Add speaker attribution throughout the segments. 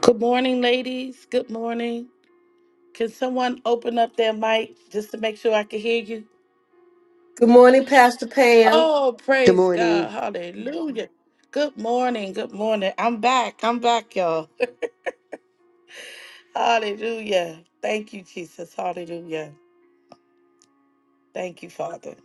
Speaker 1: Good morning, ladies. Good morning. Can someone open up their mic just to make sure I can hear you?
Speaker 2: Good morning, Pastor Pam.
Speaker 1: Oh,
Speaker 3: Good
Speaker 1: praise God.
Speaker 3: morning.
Speaker 1: Hallelujah. Good morning. Good morning. I'm back. I'm back, y'all. Hallelujah. Thank you, Jesus. Hallelujah. Thank you, Father.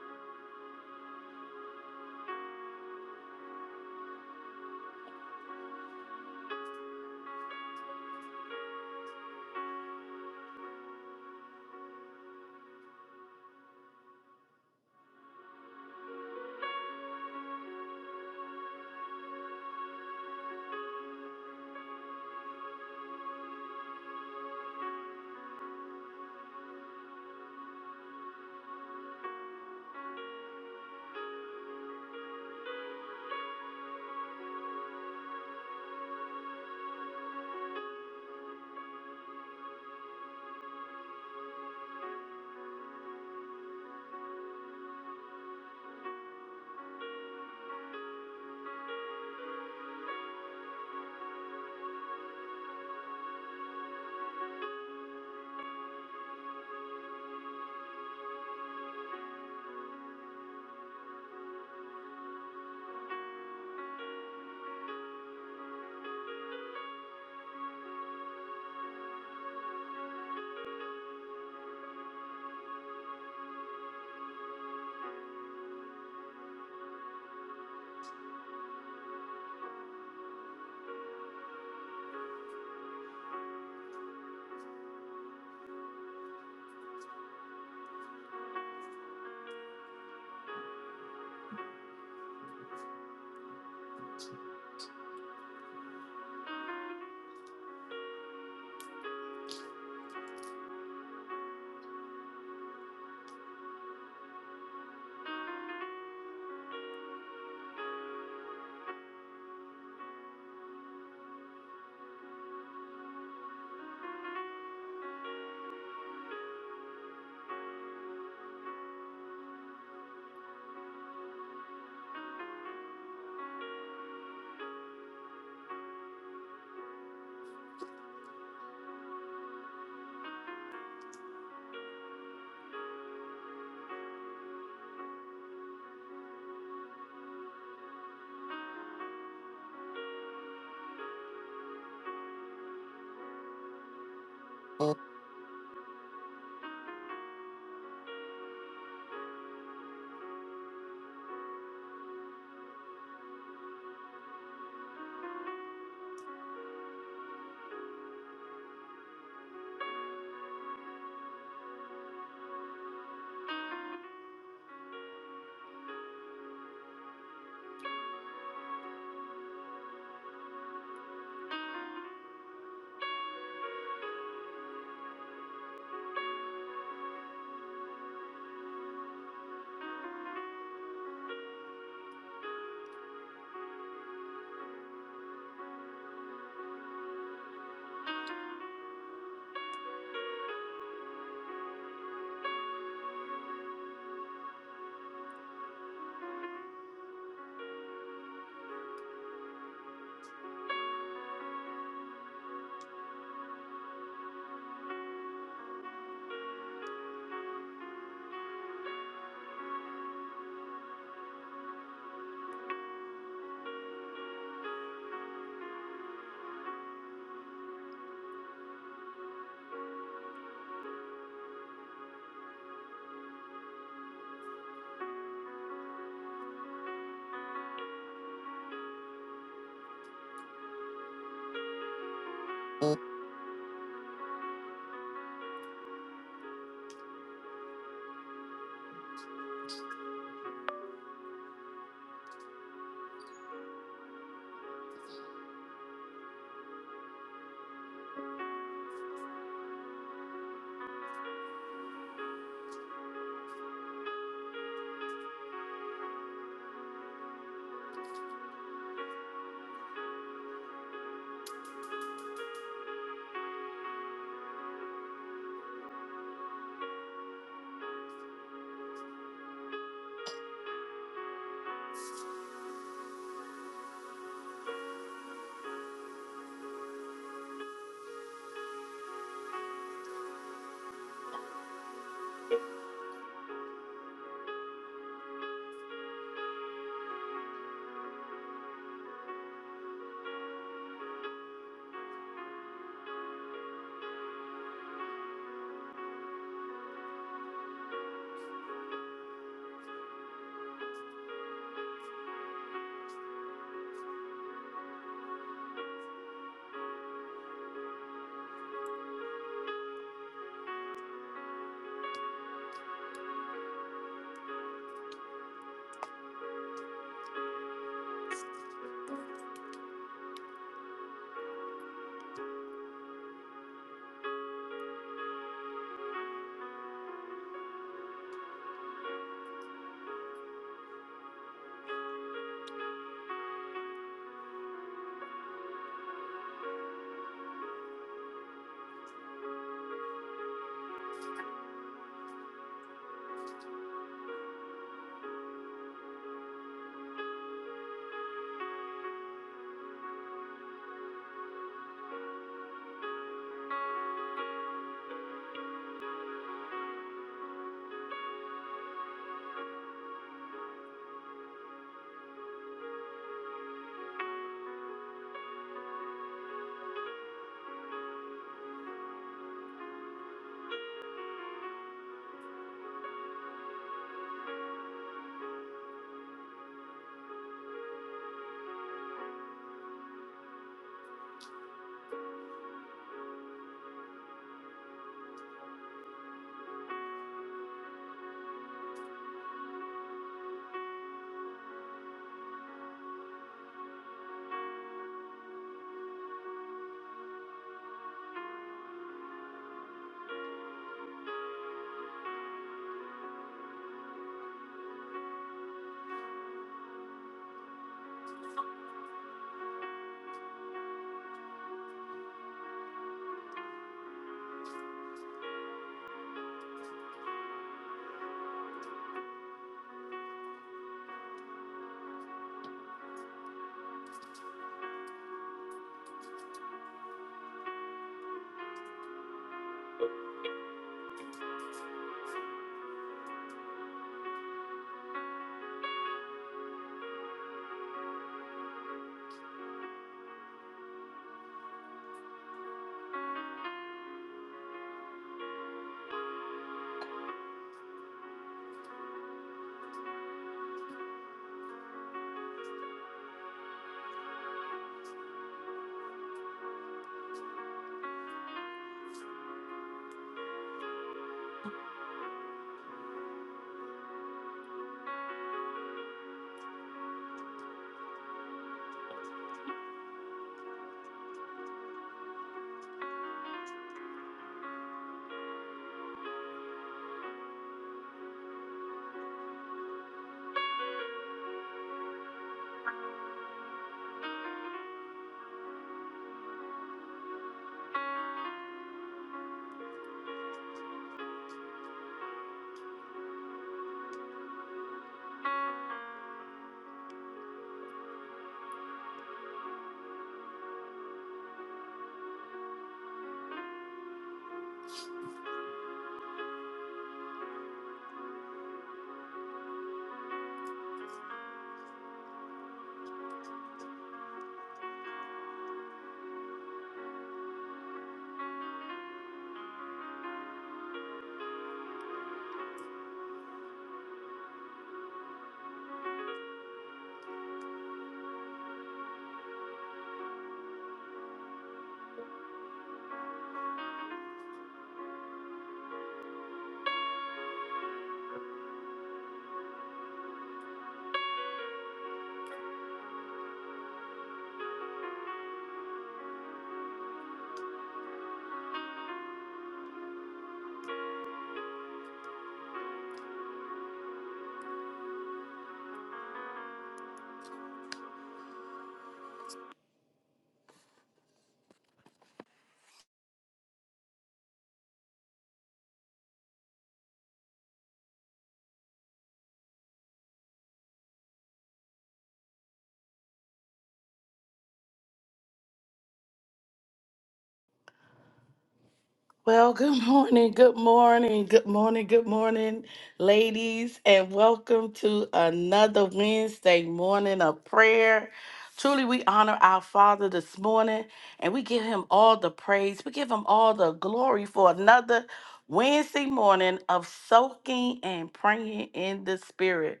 Speaker 1: Well, good morning, good morning, good morning, good morning, ladies, and welcome to another Wednesday morning of prayer. Truly, we honor our Father this morning and we give him all the praise, we give him all the glory for another Wednesday morning of soaking and praying in the Spirit.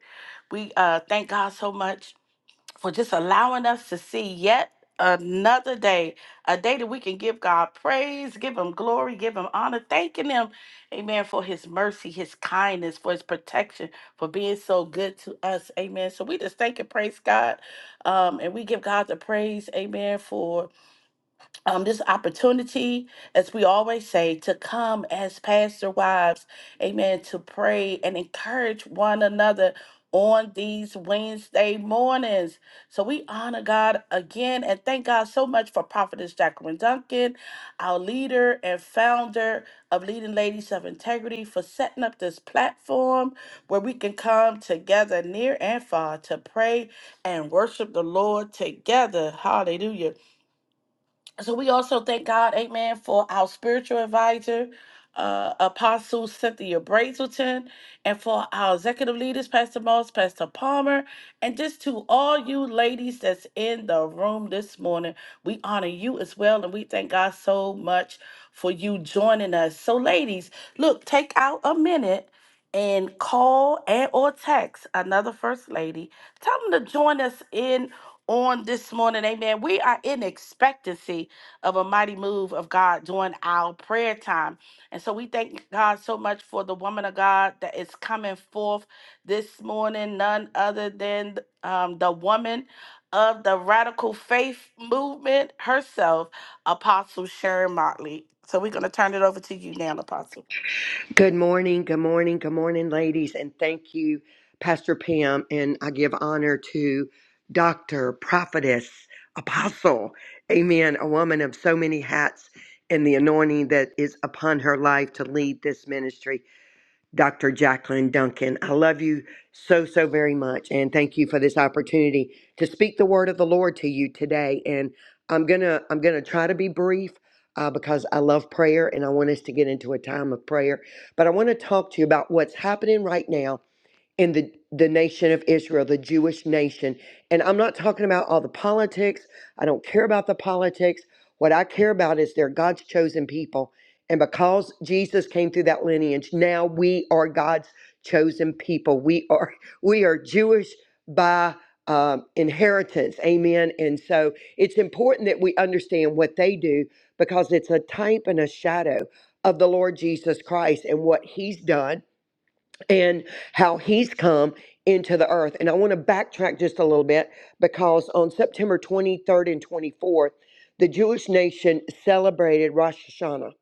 Speaker 1: We uh, thank God so much for just allowing us to see yet another day, a day that we can give God praise, give Him glory, give Him honor, thanking Him, amen, for His mercy, His kindness, for His protection, for being so good to us, amen. So we just thank and praise God, um, and we give God the praise, amen, for um, this opportunity, as we always say, to come as pastor wives, amen, to pray and encourage one another on these Wednesday mornings. So we honor God again and thank God so much for Prophetess Jacqueline Duncan, our leader and founder of Leading Ladies of Integrity, for setting up this platform where we can come together near and far to pray and worship the Lord together. Hallelujah. So we also thank God, amen, for our spiritual advisor, uh, Apostle Cynthia Brazelton, and for our executive leaders, Pastor Moss, Pastor Palmer, and just to all you ladies that's in the room this morning. We honor you as well, and we thank God so much for you joining us. So, ladies, look, take out a minute and call and or text another first lady. Tell them to join us in on this morning. Amen. We are in expectancy of a mighty move of God during our prayer time. And so we thank God so much for the woman of God that is coming forth this morning, none other than um, the woman of the radical faith movement herself, Apostle Sharon Motley. So we're going to turn it over to you now, Apostle.
Speaker 3: Good morning, good morning, good morning, ladies, and thank you, Pastor Pam. And I give honor to Dr. Prophetess Apostle, amen, a woman of so many hats and the anointing that is upon her life to lead this ministry. Dr. Jacqueline Duncan. I love you so, so very much. And thank you for this opportunity to speak the word of the Lord to you today. And I'm going to, I'm going to try to be brief uh, because I love prayer and I want us to get into a time of prayer. But I want to talk to you about what's happening right now in the the nation of Israel, the Jewish nation. And I'm not talking about all the politics. I don't care about the politics. What I care about is they're God's chosen people. And because Jesus came through that lineage, now we are God's chosen people. We are we are Jewish by um, inheritance. Amen. And so it's important that we understand what they do because it's a type and a shadow of the Lord Jesus Christ and what he's done and how he's come into the earth. And I want to backtrack just a little bit because on September 23rd and 24th, the Jewish nation celebrated Rosh Hashanah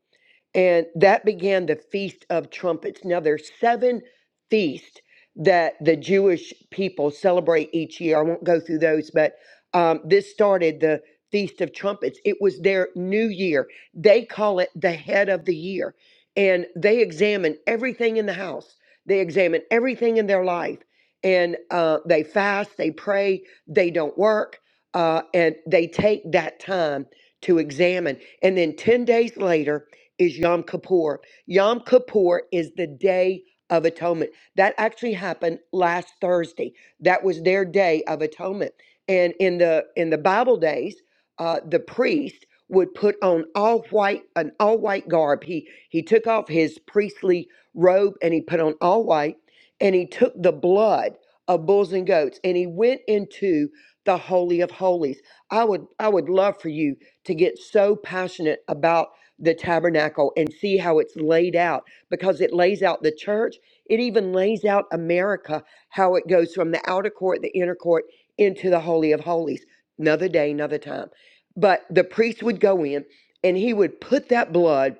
Speaker 3: and that began the feast of trumpets now there's seven feasts that the jewish people celebrate each year i won't go through those but um, this started the feast of trumpets it was their new year they call it the head of the year and they examine everything in the house they examine everything in their life and uh, they fast they pray they don't work uh, and they take that time to examine and then 10 days later is Yom Kippur. Yom Kippur is the day of atonement. That actually happened last Thursday. That was their day of atonement. And in the in the Bible days, uh, the priest would put on all white an all white garb. He he took off his priestly robe and he put on all white, and he took the blood of bulls and goats and he went into the holy of holies. I would I would love for you to get so passionate about the tabernacle and see how it's laid out because it lays out the church. It even lays out America, how it goes from the outer court, the inner court, into the Holy of Holies. Another day, another time. But the priest would go in and he would put that blood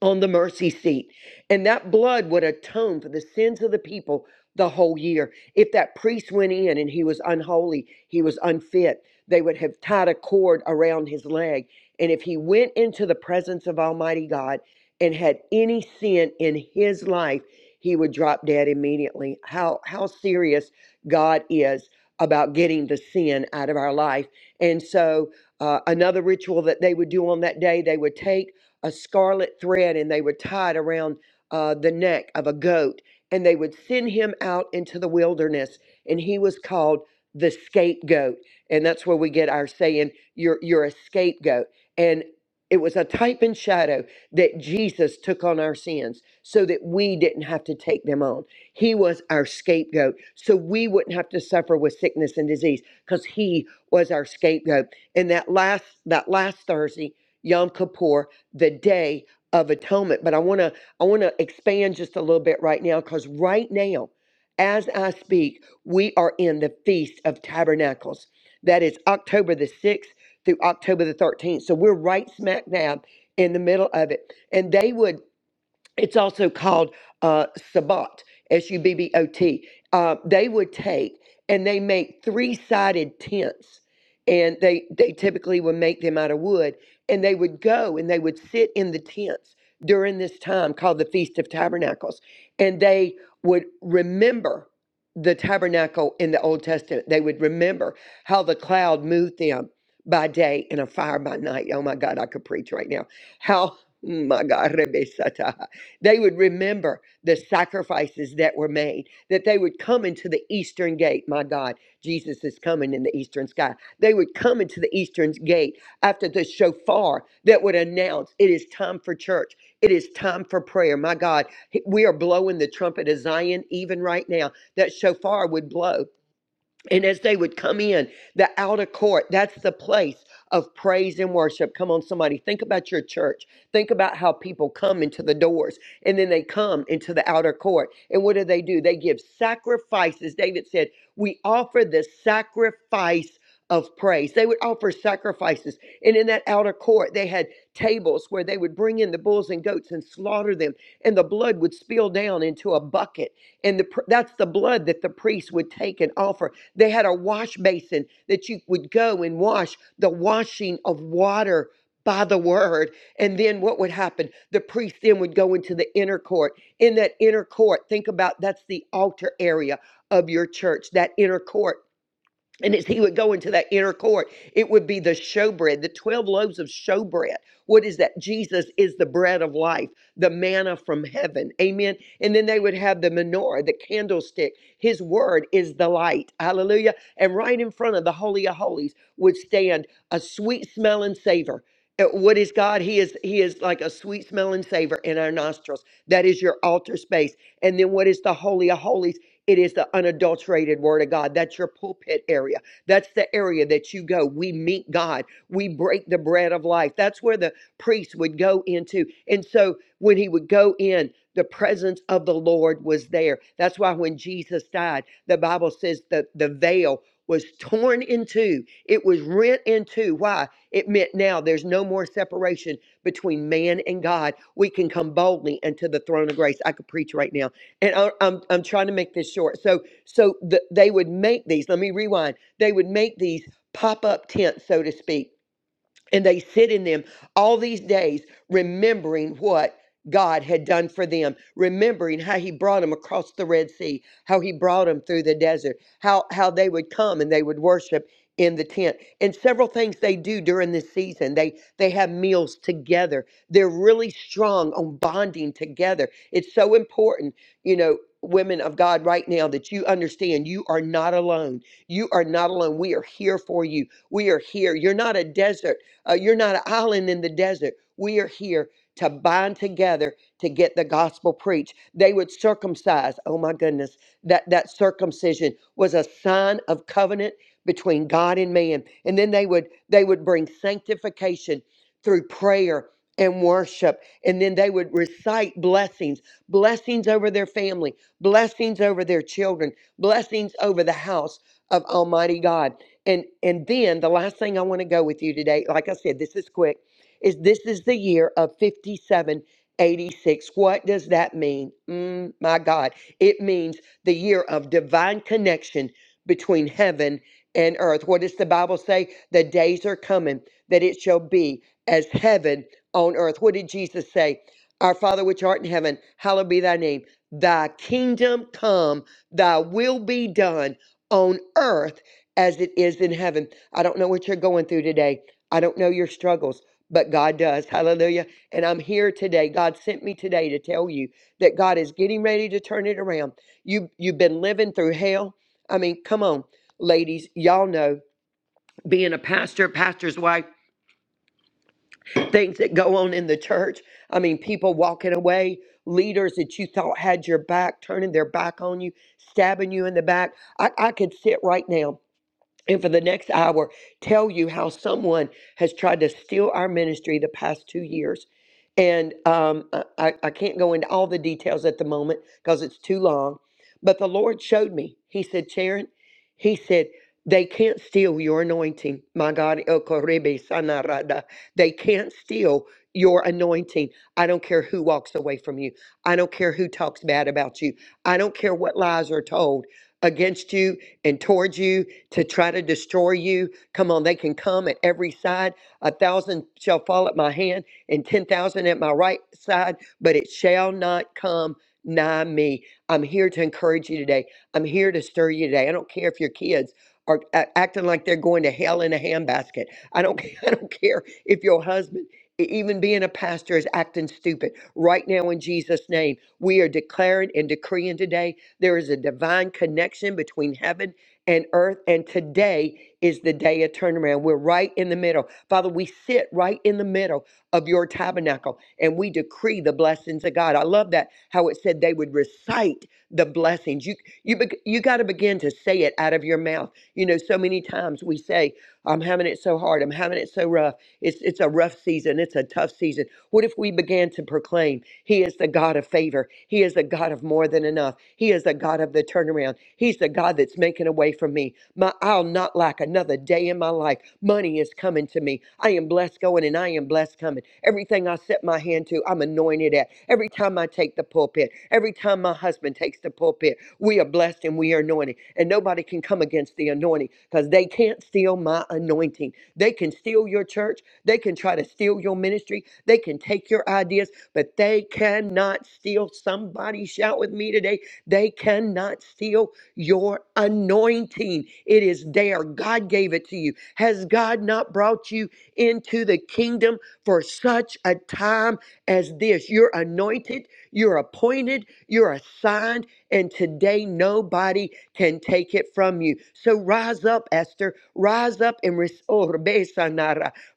Speaker 3: on the mercy seat. And that blood would atone for the sins of the people the whole year. If that priest went in and he was unholy, he was unfit, they would have tied a cord around his leg. And if he went into the presence of Almighty God and had any sin in his life, he would drop dead immediately. How how serious God is about getting the sin out of our life. And so uh, another ritual that they would do on that day, they would take a scarlet thread and they would tie it around uh, the neck of a goat. And they would send him out into the wilderness, and he was called the scapegoat. And that's where we get our saying, you're, you're a scapegoat. And it was a type and shadow that Jesus took on our sins so that we didn't have to take them on. He was our scapegoat, so we wouldn't have to suffer with sickness and disease because he was our scapegoat. And that last that last Thursday, Yom Kippur, the day of atonement. But I want to I want to expand just a little bit right now cuz right now as I speak, we are in the Feast of Tabernacles. That is October the 6th through October the 13th. So we're right smack dab in the middle of it. And they would it's also called uh, sabot s-u-b-b-o-t uh, they would take and they make three-sided tents and they they typically would make them out of wood and they would go and they would sit in the tents during this time called the feast of tabernacles and they would remember the tabernacle in the old testament they would remember how the cloud moved them by day and a fire by night oh my god i could preach right now how my god They would remember the sacrifices that were made, that they would come into the eastern gate. My God, Jesus is coming in the eastern sky. They would come into the eastern gate after the shofar that would announce it is time for church. It is time for prayer. My God, we are blowing the trumpet of Zion even right now. That shofar would blow. And as they would come in, the outer court, that's the place of praise and worship. Come on, somebody, think about your church. Think about how people come into the doors and then they come into the outer court. And what do they do? They give sacrifices. David said, We offer the sacrifice of praise. They would offer sacrifices. And in that outer court, they had tables where they would bring in the bulls and goats and slaughter them, and the blood would spill down into a bucket. And the, pr- that's the blood that the priest would take and offer they had a wash basin that you would go and wash the washing of water by the word. And then what would happen? The priest then would go into the inner court. In that inner court, think about that's the altar area of your church, that inner court and as he would go into that inner court, it would be the showbread, the 12 loaves of showbread. What is that? Jesus is the bread of life, the manna from heaven. Amen. And then they would have the menorah, the candlestick. His word is the light. Hallelujah. And right in front of the Holy of Holies would stand a sweet smell and savor. Uh, What is God? He is He is like a sweet smell and savor in our nostrils. That is your altar space. And then what is the Holy of Holies? It is the unadulterated word of God. That's your pulpit area. That's the area that you go. We meet God. We break the bread of life. That's where the priest would go into. And so when he would go in, the presence of the Lord was there. That's why when Jesus died, the Bible says that the veil was torn in two. It was rent in two. Why? It meant now there's no more separation between man and God. We can come boldly into the throne of grace. I could preach right now and I, I'm I'm trying to make this short. So so the, they would make these. Let me rewind. They would make these pop up tents, so to speak and they sit in them all these days remembering what God had done for them, remembering how he brought them across the Red Sea, how he brought them through the desert, how how they would come and they would worship in the tent. And several things they do during this season. They they have meals together. They're really strong on bonding together. It's so important, you know, women of God right now that you understand you are not alone. You are not alone. We are here for you. We are here. You're not a desert uh, you're not an island in the desert. We are here to bind together to get the gospel preached. They would circumcise. Oh my goodness, that that circumcision was a sign of covenant between God and man. And then they would they would bring sanctification through prayer and worship. And then they would recite blessings, blessings over their family, blessings over their children, blessings over the house of Almighty God. And and then the last thing I want to go with you today, like I said, this is quick, is this is the year of 5786. What does that mean? Mm, my God. It means the year of divine connection between heaven and earth. What does the Bible say? The days are coming that it shall be as heaven on earth. What did Jesus say? Our Father which art in heaven, hallowed be thy name. Thy kingdom come, thy will be done on earth as it is in heaven. I don't know what you're going through today. I don't know your struggles, but God does. Hallelujah. And I'm here today. God sent me today to tell you that God is getting ready to turn it around. You you've been living through hell. I mean, come on, ladies, y'all know being a pastor, pastor's wife, things that go on in the church. I mean, people walking away, leaders that you thought had your back, turning their back on you, stabbing you in the back. I, I could sit right now and for the next hour tell you how someone has tried to steal our ministry the past two years. And um, I, I I can't go into all the details at the moment because it's too long. But the Lord showed me. He said, Sharon, He said, they can't steal your anointing. My God, El Correbe Sanarada. They can't steal your anointing. I don't care who walks away from you. I don't care who talks bad about you. I don't care what lies are told against you and towards you to try to destroy you. Come on, they can come at every side. A thousand shall fall at my hand and 10,000 at my right side, but it shall not come nigh me. I'm here to encourage you today. I'm here to stir you today. I don't care if your kids are a- acting like they're going to hell in a handbasket. I don't I don't care if your husband e- even being a pastor is acting stupid. Right now, in Jesus' name, we are declaring and decreeing today there is a divine connection between heaven and earth. And today is the day of turnaround. We're right in the middle. Father, we sit right in the middle of your tabernacle and we decree the blessings of God. I love that how it said they would recite the blessings. You you beg- you got to begin to say it out of your mouth. You know, so many times we say, "I'm having it so hard. I'm having it so rough." It's, it's a rough season. It's a tough season. What if we began to proclaim He is the God of favor? He is the God of more than enough. He is the God of the turnaround. He's the God that's making a way for me. My, I'll not lack another day in my life. Money is coming to me. I am blessed going and I am blessed coming. Everything I set my hand to, I'm anointed at. Every time I take the pulpit, every time my husband takes the pulpit, we are blessed and we are anointed. And nobody nobody can come against the anointing because they can't steal my anointing. They can steal your church. They can try to steal your ministry. They can take your ideas, but they cannot steal. Somebody shout with me today. They cannot steal your anointing. It is there. God gave it to you. Has God not brought you into the kingdom for such a time as this? You're anointed, you're appointed, you're assigned and today, nobody can take it from you. So rise up, Esther. Rise up and receive.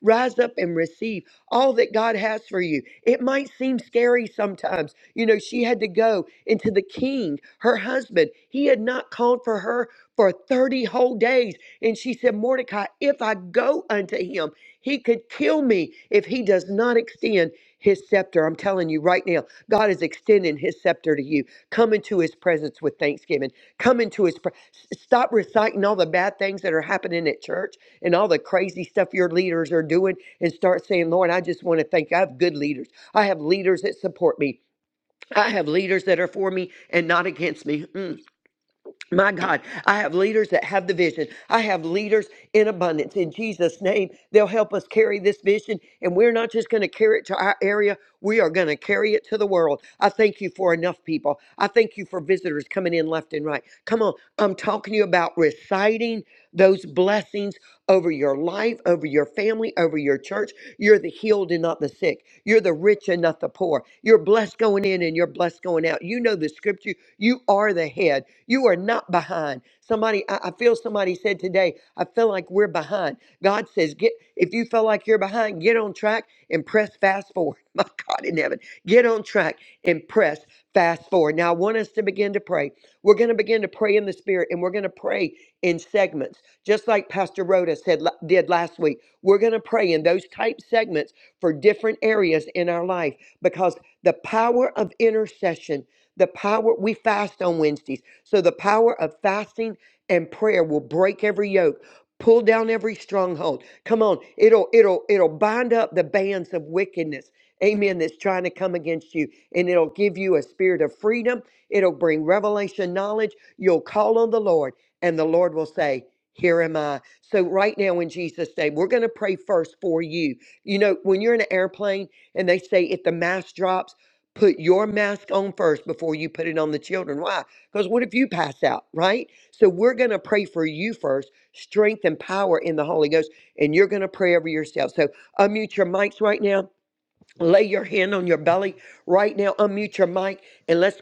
Speaker 3: Rise up and receive all that God has for you. It might seem scary sometimes. You know, she had to go into the king, her husband. He had not called for her for 30 whole days. And she said, Mordecai, if I go unto him, he could kill me if he does not extend his scepter. I'm telling you right now, God is extending his scepter to you. Come into his presence with thanksgiving. Come into his pre- s- stop reciting all the bad things that are happening at church and all the crazy stuff your leaders are doing and start saying, "Lord, I just want to thank you. I have good leaders. I have leaders that support me. I have leaders that are for me and not against me. Mm. My God, I have leaders that have the vision. I have leaders in abundance. In Jesus' name, they'll help us carry this vision. And we're not just going to carry it to our area, we are going to carry it to the world. I thank you for enough people. I thank you for visitors coming in left and right. Come on, I'm talking to you about reciting those blessings over your life, over your family, over your church. You're the healed and not the sick. You're the rich and not the poor. You're you're blessed going in and you're blessed going out. You know the scripture. You are the head. You are not behind. Somebody, I, I feel somebody said today, I feel like we're behind. God says, get if you feel like you're behind, get on track and press fast forward. My God in heaven, get on track and press fast forward. Now I want us to begin to pray. We're going to begin to pray in the spirit and we're going to pray in segments, just like Pastor Rhoda said la- did last week. We're going to pray in those type segments for different areas in our life because the power of intercession, the power we fast on Wednesdays. So the power of fasting and prayer will break every yoke, pull down every stronghold. Come on, it'll it'll it'll bind up the bands of wickedness. Amen. That's trying to come against you. And it'll give you a spirit of freedom. It'll bring revelation knowledge. You'll call on the Lord, and the Lord will say, Here am I. So, right now, in Jesus' name, we're going to pray first for you. You know, when you're in an airplane, and they say if the mask drops, put your mask on first before you put it on the children. Why? Because what if you pass out, right? So we're going to pray for you first, strength and power in the Holy Ghost, and you're going to pray over yourself. So unmute your mics right now Lay your hand on your belly
Speaker 4: Ha,
Speaker 3: right now. Unmute your mic and let's